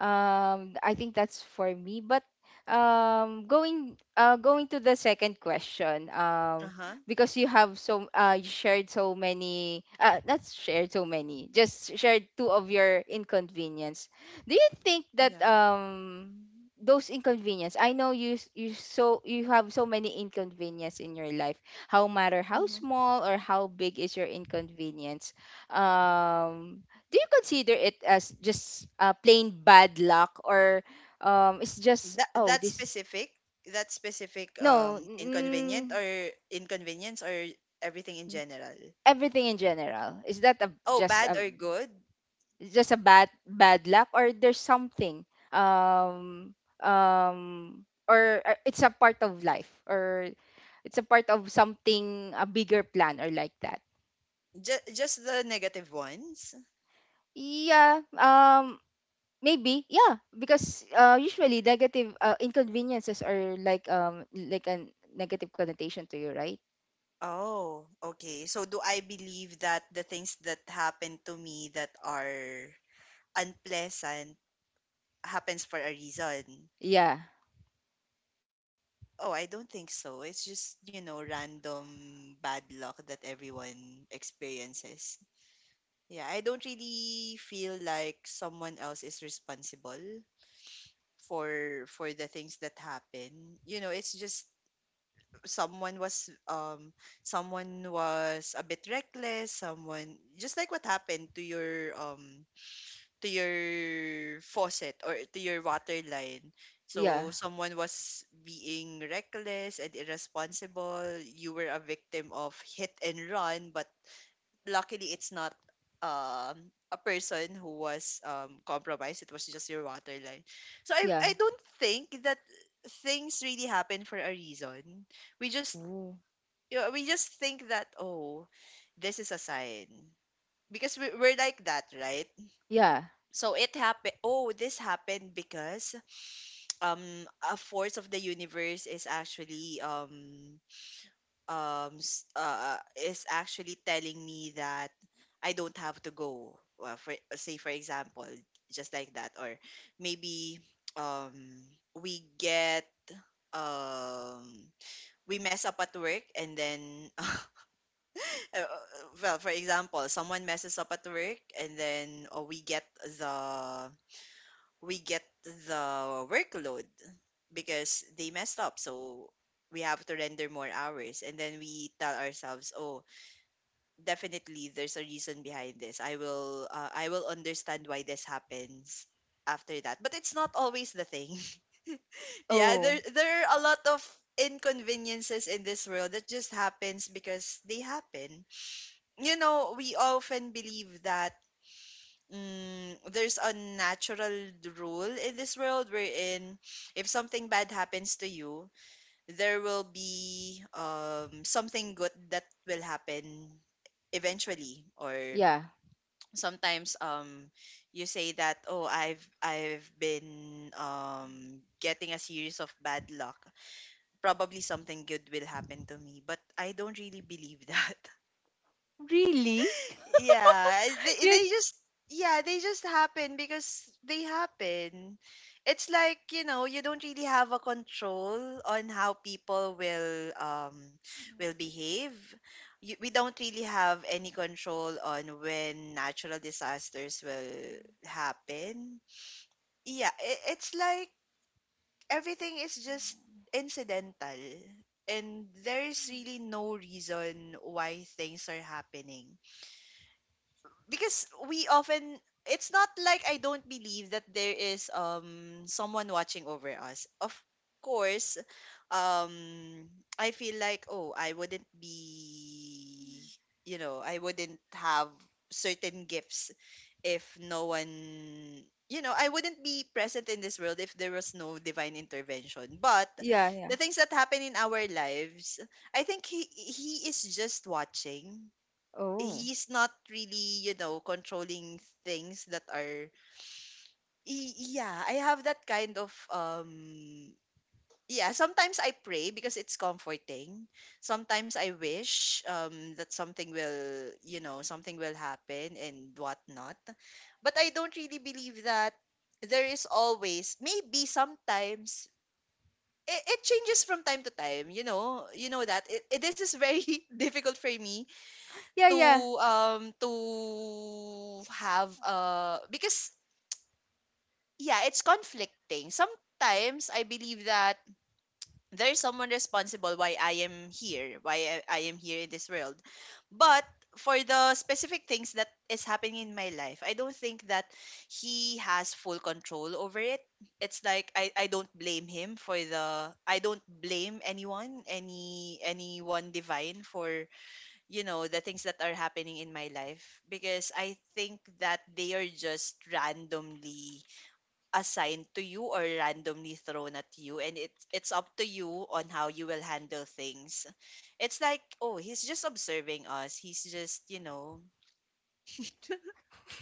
A: I think that's for me. But going, going to the second question,
B: Uh-huh.
A: because you have so, you shared so many, not shared so many, just shared two of your inconvenience, do you think that
B: Yeah.
A: those inconvenience, I know you, so you have so many inconvenience in your life, how matter how
B: Mm-hmm.
A: small or how big is your inconvenience, um do you consider it as just plain bad luck, or it's just,
B: That
A: oh,
B: that
A: this,
B: specific, that specific
A: no,
B: inconvenient or inconvenience or everything in general.
A: everything in general, is that a,
B: Oh,
A: just
B: bad
A: a,
B: or good?
A: it's just a bad, bad luck, or there's something, um um or it's a part of life, or it's a part of something, a bigger plan, or like that?
B: Just the negative ones?
A: Yeah, maybe. Yeah, because usually negative inconveniences are like a negative connotation to you, right?
B: Oh, okay. So do I believe that the things that happen to me that are unpleasant happens for a reason?
A: Yeah,
B: Oh, I don't think so. It's just, you know, random bad luck that everyone experiences. Yeah, I don't really feel like someone else is responsible for the things that happen. You know, it's just someone was um someone was a bit reckless, someone just like what happened to your faucet or to your water line. So
A: yeah,
B: someone was being reckless and irresponsible. You were a victim of hit and run, but luckily it's not a person who was compromised, it was just your water line. So i
A: yeah.
B: i don't think that things really happen for a reason. We just
A: Ooh.
B: yeah, we just think that oh this is a sign because we're like that, right?
A: Yeah.
B: So it happened, oh, this happened because um a force of the universe is actually um s- uh is actually telling me that I don't have to go, well, for say for example, just like that. Or maybe um we get um we mess up at work and then well, for example, someone messes up at work and then the we get the workload because they messed up. So we have to render more hours and then we tell ourselves, "Oh, definitely there's a reason behind this. I will understand why this happens after that." But it's not always the thing. Yeah,
A: Oh,
B: there are a lot of inconveniences in this world that just happens because they happen. You know, we often believe that mm, there's a natural rule in this world wherein if something bad happens to you, there will be um something good that will happen eventually. Or
A: yeah.
B: sometimes you say that oh I've been getting a series of bad luck, probably something good will happen to me, but I don't really believe that.
A: Really?
B: Yeah, eh, they,
A: You,
B: they just yeah, they just happen because they happen. It's like, you know, you don't really have a control on how people will behave. We don't really have any control on when natural disasters will happen. Yeah, it's like everything is just incidental and there is really no reason why things are happening because we often it's not like I don't believe that there is someone watching over us. Of course, um I feel like oh, I wouldn't be, you know, I wouldn't have certain gifts if no one, you know, I wouldn't be present in this world if there was no divine intervention. But
A: yeah, yeah.
B: the things that happen in our lives, I think he is just watching.
A: Oh,
B: He's not really, you know, controlling things that are yeah, I have that kind of yeah, sometimes I pray because it's comforting. Sometimes I wish that something will, you know, something will happen and whatnot. But I don't really believe that there is always, maybe sometimes it changes from time to time. You know, you know that this is very difficult for me
A: yeah,
B: to
A: yeah.
B: to have because yeah it's conflicting. Sometimes I believe that there is someone responsible why I am here, why I am here in this world, but for the specific things that is happening in my life, I don't think that he has full control over it. It's like I don't blame him for the, I don't blame anyone, any one divine for, you know, the things that are happening in my life because I think that they are just randomly assigned to you or randomly thrown at you, and it's up to you on how you will handle things. It's like, oh, he's just observing us. He's just, you know,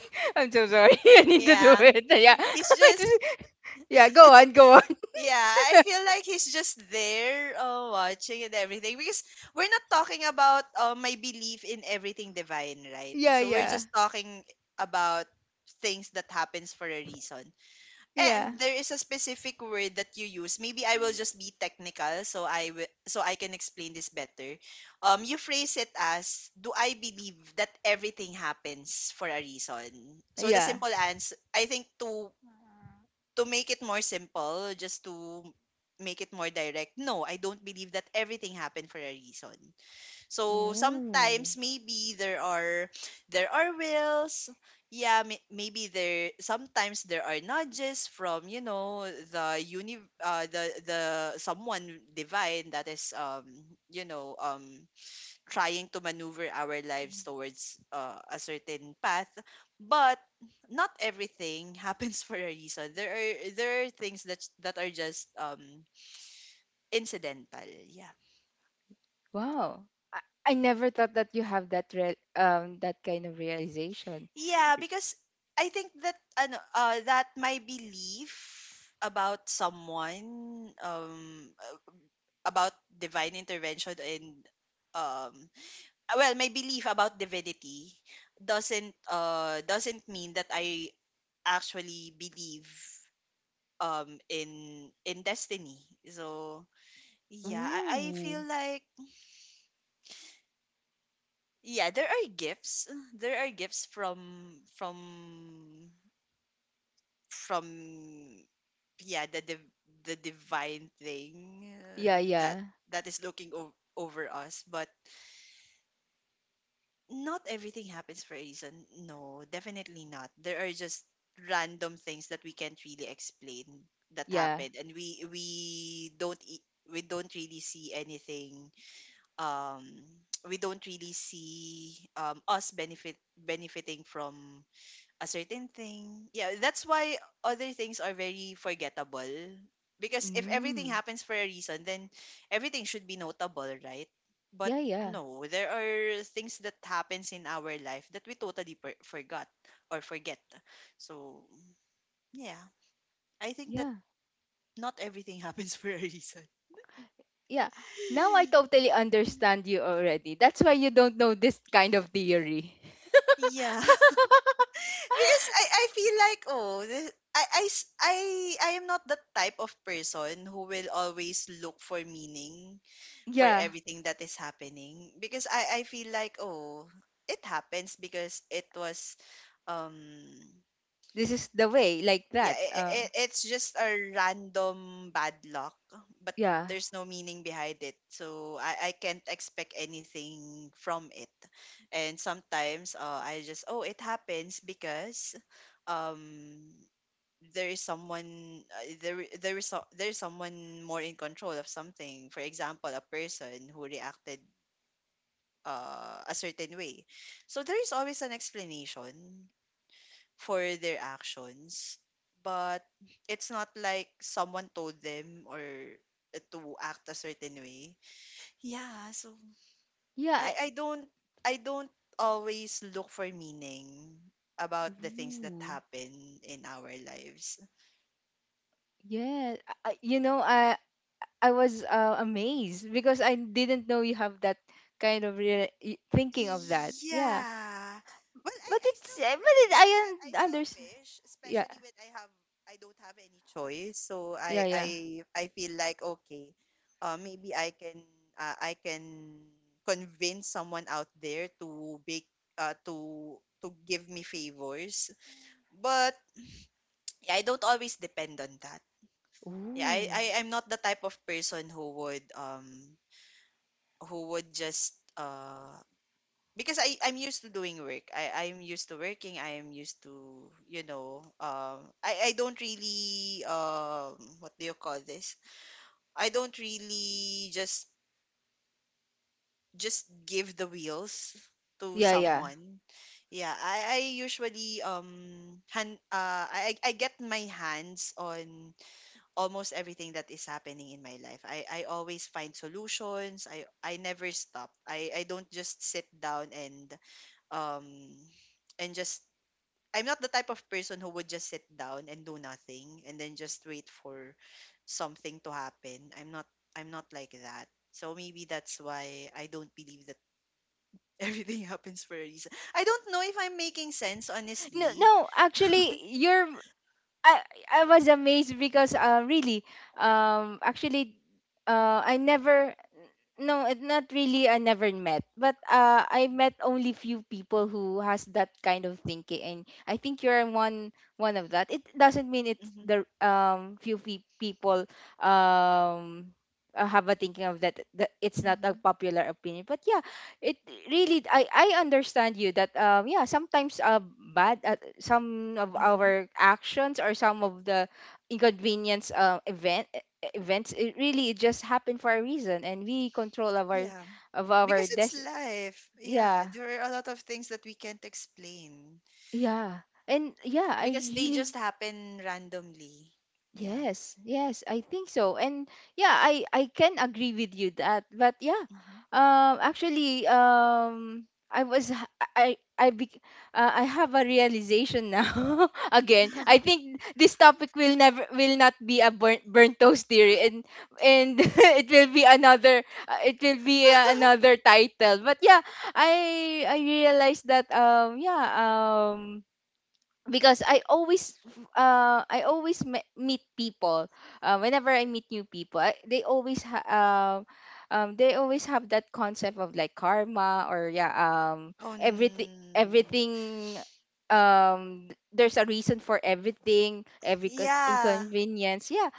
A: I'm so sorry. I need to do
B: yeah.
A: it. Yeah.
B: He's
A: It
B: just,
A: was— yeah. Go on, go on.
B: yeah, I feel like he's just there uh watching and everything because we're not talking about uh my belief in everything divine, right?
A: Yeah,
B: So we're
A: yeah,
B: just talking about things that happens for a reason.
A: yeah,
B: And there is a specific word that you use. Maybe I will just be technical so I will so I can explain this better. Um, you phrase it as, do I believe that everything happens for a reason? So the
A: yeah.
B: simple answer I think to make it more simple, just to make it more direct, no, I don't believe that everything happened for a reason. So
A: Ooh.
B: sometimes maybe there are wills. Yeah, may- maybe there sometimes there are nudges from, you know, the uni the someone divine that is um, you know, trying to maneuver our lives towards uh a certain path, but not everything happens for a reason. There are there are things that that are just incidental, yeah.
A: Wow, I, I never thought that you have that, that kind of realization.
B: Yeah, because I think that ano that my belief about someone about divine intervention and um, well, my belief about divinity doesn't mean that I actually believe in Destiny. So yeah, I
A: Ooh.
B: feel like yeah, there are gifts. There are gifts from yeah, the divine thing uh
A: Yeah,
B: that
A: yeah,
B: that is looking over us, but not everything happens for a reason. No, definitely not. There are just random things that we can't really explain that
A: yeah.
B: happened, and we don't e- we don't really see anything um we don't really see um us benefiting from a certain thing. Yeah, that's why other things are very forgettable. Because if everything
A: Mm.
B: happens for a reason, then everything should be notable, right? But
A: Yeah, yeah,
B: no, there are things that happens in our life that we totally forgot or forget. So yeah, I think that
A: yeah,
B: not everything happens for a reason.
A: yeah. Now I totally understand you already. That's why you don't know this kind of theory.
B: Yeah. Because I feel like oh this, I s- I am not the type of person who will always look for meaning for
A: Yeah,
B: everything that is happening because I feel like oh it happens because it was um
A: this is the way, like
B: yeah
A: that.
B: it's just a random bad luck, but
A: Yeah,
B: there's no meaning behind it, so I can't expect anything from it. And sometimes uh I just oh it happens because um there is someone there I- there is so- there is someone more in control of something, for example a person who reacted uh a certain way, so there is always an explanation for their actions. But it's not like someone told them or uh to act a certain way, yeah. So
A: yeah.
B: i i don't I don't always look for meaning about the things that
A: Ooh,
B: happen in our lives.
A: yeah. You know, I was amazed because I didn't know you have that kind of thinking of that. Yeah,
B: Yeah. Well, I,
A: but
B: I
A: it's
B: still
A: but
B: pray. I,
A: it,
B: I
A: I
B: still
A: understand.
B: wish,
A: Yeah,
B: especially when I have I don't have any choice. So I
A: yeah,
B: I
A: yeah.
B: I feel like okay, uh maybe I can convince someone out there to bake uh, to to give me favors. But yeah, I don't always depend on that. Yeah, I,
A: Ooh,
B: I I'm not the type of person who would just because I'm used to doing work. I'm used to working. I am used to, you know, I don't really um, what do you call this? I don't really just give the wheels to
A: yeah, yeah.
B: someone. Yeah, I usually hand I get my hands on almost everything that is happening in my life. I always find solutions. I never stop. I don't just sit down um and just I'm not the type of person who would just sit down and do nothing and then just wait for something to happen. I'm not like that. So maybe that's why I don't believe that everything happens for a reason. I don't know if I'm making sense,
A: No,
B: honestly.
A: no, actually, you're. I I was amazed because really, actually, I never, no, it not really. I never met, but I met only few people who has that kind of thinking, and I think you're one, one of that. It doesn't mean it's
B: Mhm.
A: the few people um have a thinking of that, that. It's not a
B: Mhm.
A: popular opinion, but yeah, it really. I understand you that yeah sometimes bad, some of
B: Mhm.
A: our actions or some of the inconvenience, events, it really, it just happened for a reason, and we control of our,
B: Yeah.
A: of our
B: Because it's life. Yeah,
A: yeah,
B: there are a lot of things that we can't explain
A: yeah, and yeah, I
B: because they
A: really.
B: just happen randomly. Yeah.
A: Yes, yes, I think so. And yeah, I can agree with you that. But yeah,
B: Mhm.
A: actually, I was, I have a realization now. Again, I think this topic will never will not be a burnt, burnt toast theory, and it will be another, it will be, another title. But yeah, I realized that, yeah, because I always meet people, whenever I meet new people, I, they always they always have that concept of like karma, or yeah,
B: On,
A: everything, everything, there's a reason for everything, every
B: yeah.
A: inconvenience. Yeah,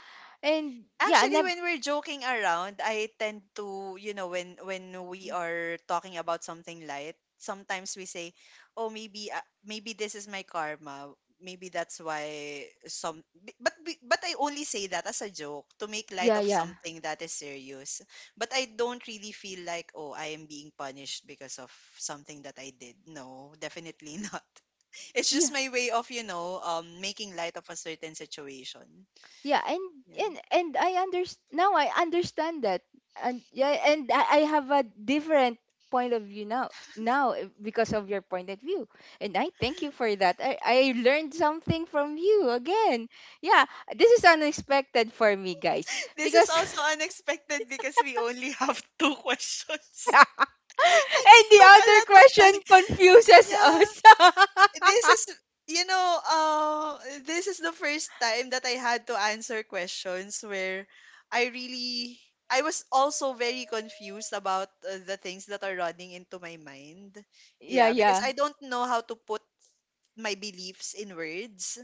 A: and yeah, I
B: Actually,
A: never,
B: when we're joking around, I tend to, when we are talking about something light, sometimes we say, "Oh, maybe maybe this is my karma. Maybe that's why some." But I only say that as a joke to make light
A: yeah,
B: of
A: yeah,
B: something that is serious. But I don't really feel like, "Oh, I am being punished because of something that I did." No, definitely not. It's
A: yeah.
B: just my way of, making light of a certain situation.
A: Yeah,
B: Yeah.
A: and I understand now, I understand that, and yeah, and I have a different point of view now, now, eh, because of your point of view, and I thank you for that. I learned something from you again. Yeah. This is unexpected for me, guys,
B: This is
A: because,
B: also unexpected because we only have two questions. And it
A: and the
B: took a
A: other
B: lot of time.
A: question confuses
B: Yeah.
A: us.
B: This is, you know, uh, this is the first time that I had to answer questions where I really, I was also very confused about the things that are running into my mind.
A: yeah,
B: Yeah. Because
A: yeah,
B: I don't know how to put my beliefs in words.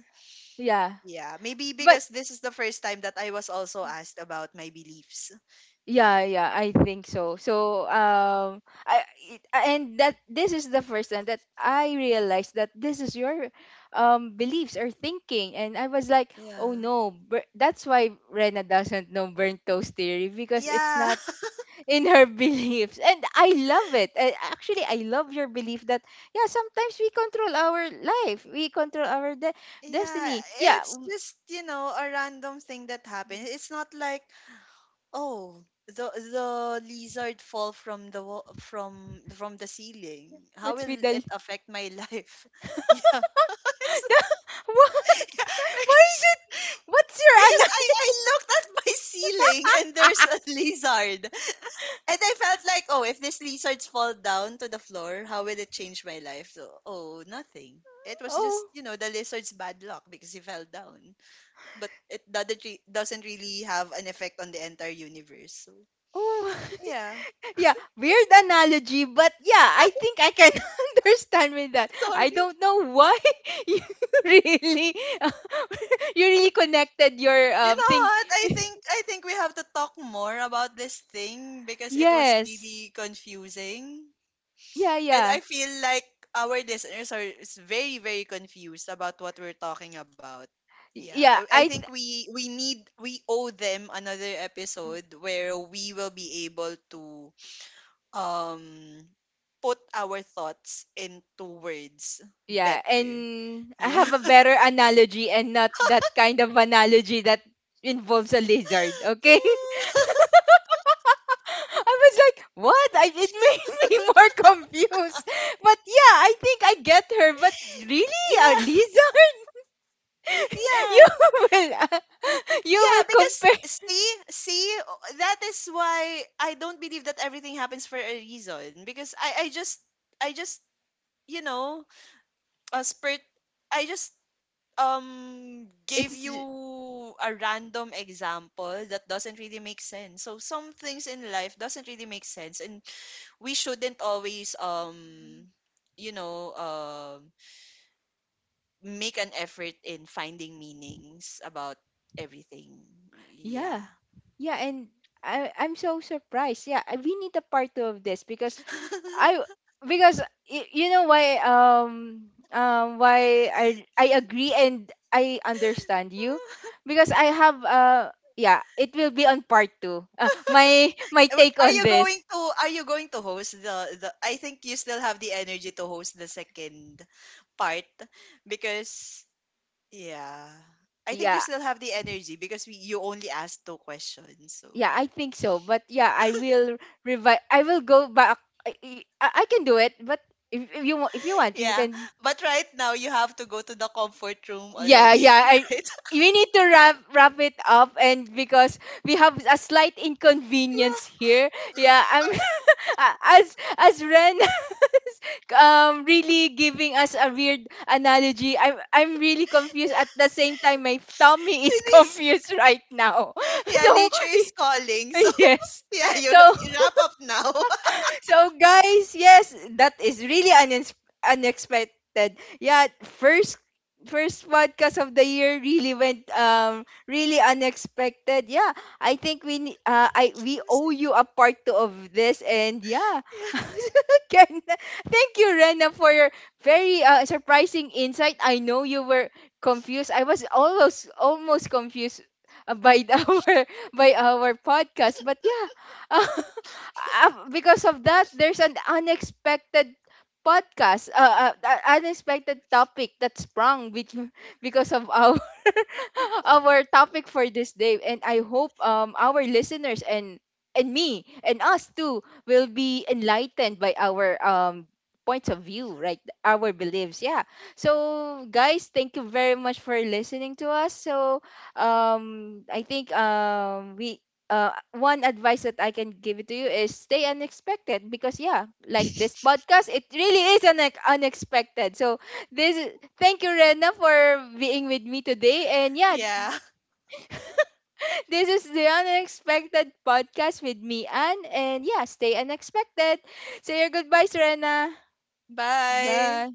A: yeah,
B: Yeah, maybe
A: but
B: because this is the first time that I was also asked about my beliefs.
A: yeah,
B: Yeah.
A: yeah, I think so. So, I, it, and that, this is the first time that I realized that this is your beliefs or thinking, and I was like, oh
B: Yeah.
A: no, that's why Rena doesn't know burnt toast theory because it's
B: Yeah.
A: not in her beliefs, and I love it. Actually, I love your belief that yeah, sometimes we control our life, we control our
B: Yeah,
A: destiny. Yeah,
B: it's just, a random thing that happened. It's not like, oh, the lizard fall from the from the ceiling. How
A: what's
B: will
A: with the,
B: it affect my life? Yeah. It's,
A: what?
B: yeah,
A: Why is
B: because
A: it? What's your
B: because
A: ano?
B: I looked at my ceiling and there's a lizard. And I felt like, oh, if these lizards fall down to the floor, how will it change my life? So, oh, nothing. It was just,
A: Oh,
B: the lizard's bad luck because he fell down. But it doesn't really have an effect on the entire universe. So,
A: oh,
B: yeah.
A: yeah, weird analogy, but yeah, I think I can understand with that.
B: Sorry.
A: I don't know why you really, you really connected your
B: You know
A: think.
B: what? I think we have to talk more about this thing because it was
A: Yes,
B: really confusing.
A: yeah,
B: And
A: yeah,
B: I feel like our listeners are is very, very confused about what we're talking about. Yeah,
A: yeah.
B: I think we owe them another episode where we will be able to um put our thoughts into words
A: Yeah,
B: better.
A: and I
B: Yeah.
A: have a better analogy, and not that kind of analogy that involves a lizard. Okay, I was like, what? I, it made me more confused. But yeah, I think I get her. But really, a
B: Yeah.
A: lizard? you
B: Yeah.
A: will, uh, you
B: Yeah,
A: will
B: because
A: compare.
B: see, that is why I don't believe that everything happens for a reason. Because I just you know, a spurt. I just gave
A: It's
B: you a random example that doesn't really make sense. So some things in life doesn't really make sense, and we shouldn't always you know um make an effort in finding meanings about everything. Yeah.
A: yeah, yeah, and I'm so surprised. Yeah, we need a part two of this, because I because, you know why, why I agree and I understand you, because I have yeah, it will be on part 2, my, my take
B: Are
A: on
B: you
A: this.
B: going to host the, I think you still have the energy to host the second part because yeah. I think you
A: Yeah,
B: still have the energy because you only asked two questions. So,
A: yeah, I think so, but yeah, I will, revi I will go back, I, I can do it, but if you if you want, you
B: yeah.
A: can,
B: But right now, you have to go to the comfort room
A: yeah.
B: already,
A: Yeah, I
B: right?
A: we need to wrap it up, and because we have a slight inconvenience
B: Yeah.
A: here. Yeah, I'm, as Ren is really giving us a weird analogy. I'm really confused, at the same time my tummy
B: She
A: is
B: needs,
A: confused right now.
B: yeah,
A: So
B: nature is calling. So,
A: yes.
B: yeah,
A: So
B: you wrap up now.
A: so guys, yes, that is really unexpected. Yeah, first, first podcast of the year really went really unexpected. Yeah, I think we ne-
B: I'm
A: I we owe
B: confusing.
A: you a part two of this, and yeah.
B: Yeah.
A: Ken, thank you, Rena, for your very surprising insight. I know you were confused. I was almost, almost confused by our, by our podcast, but yeah. Because of that, there's an unexpected podcast, unexpected topic that sprung because of our, our topic for this day. And I hope our listeners and me and us too will be enlightened by our points of view, right? Our beliefs, yeah. So guys, thank you very much for listening to us. So I think we, one advice that I can give it to you is stay unexpected, because yeah, like this podcast, it really is unexpected. So this, thank you, Rena, for being with me today, and yeah,
B: Yeah.
A: this is the unexpected podcast with me, Anne, and yeah, stay unexpected. Say your goodbyes, Rena.
B: Bye.
A: Bye.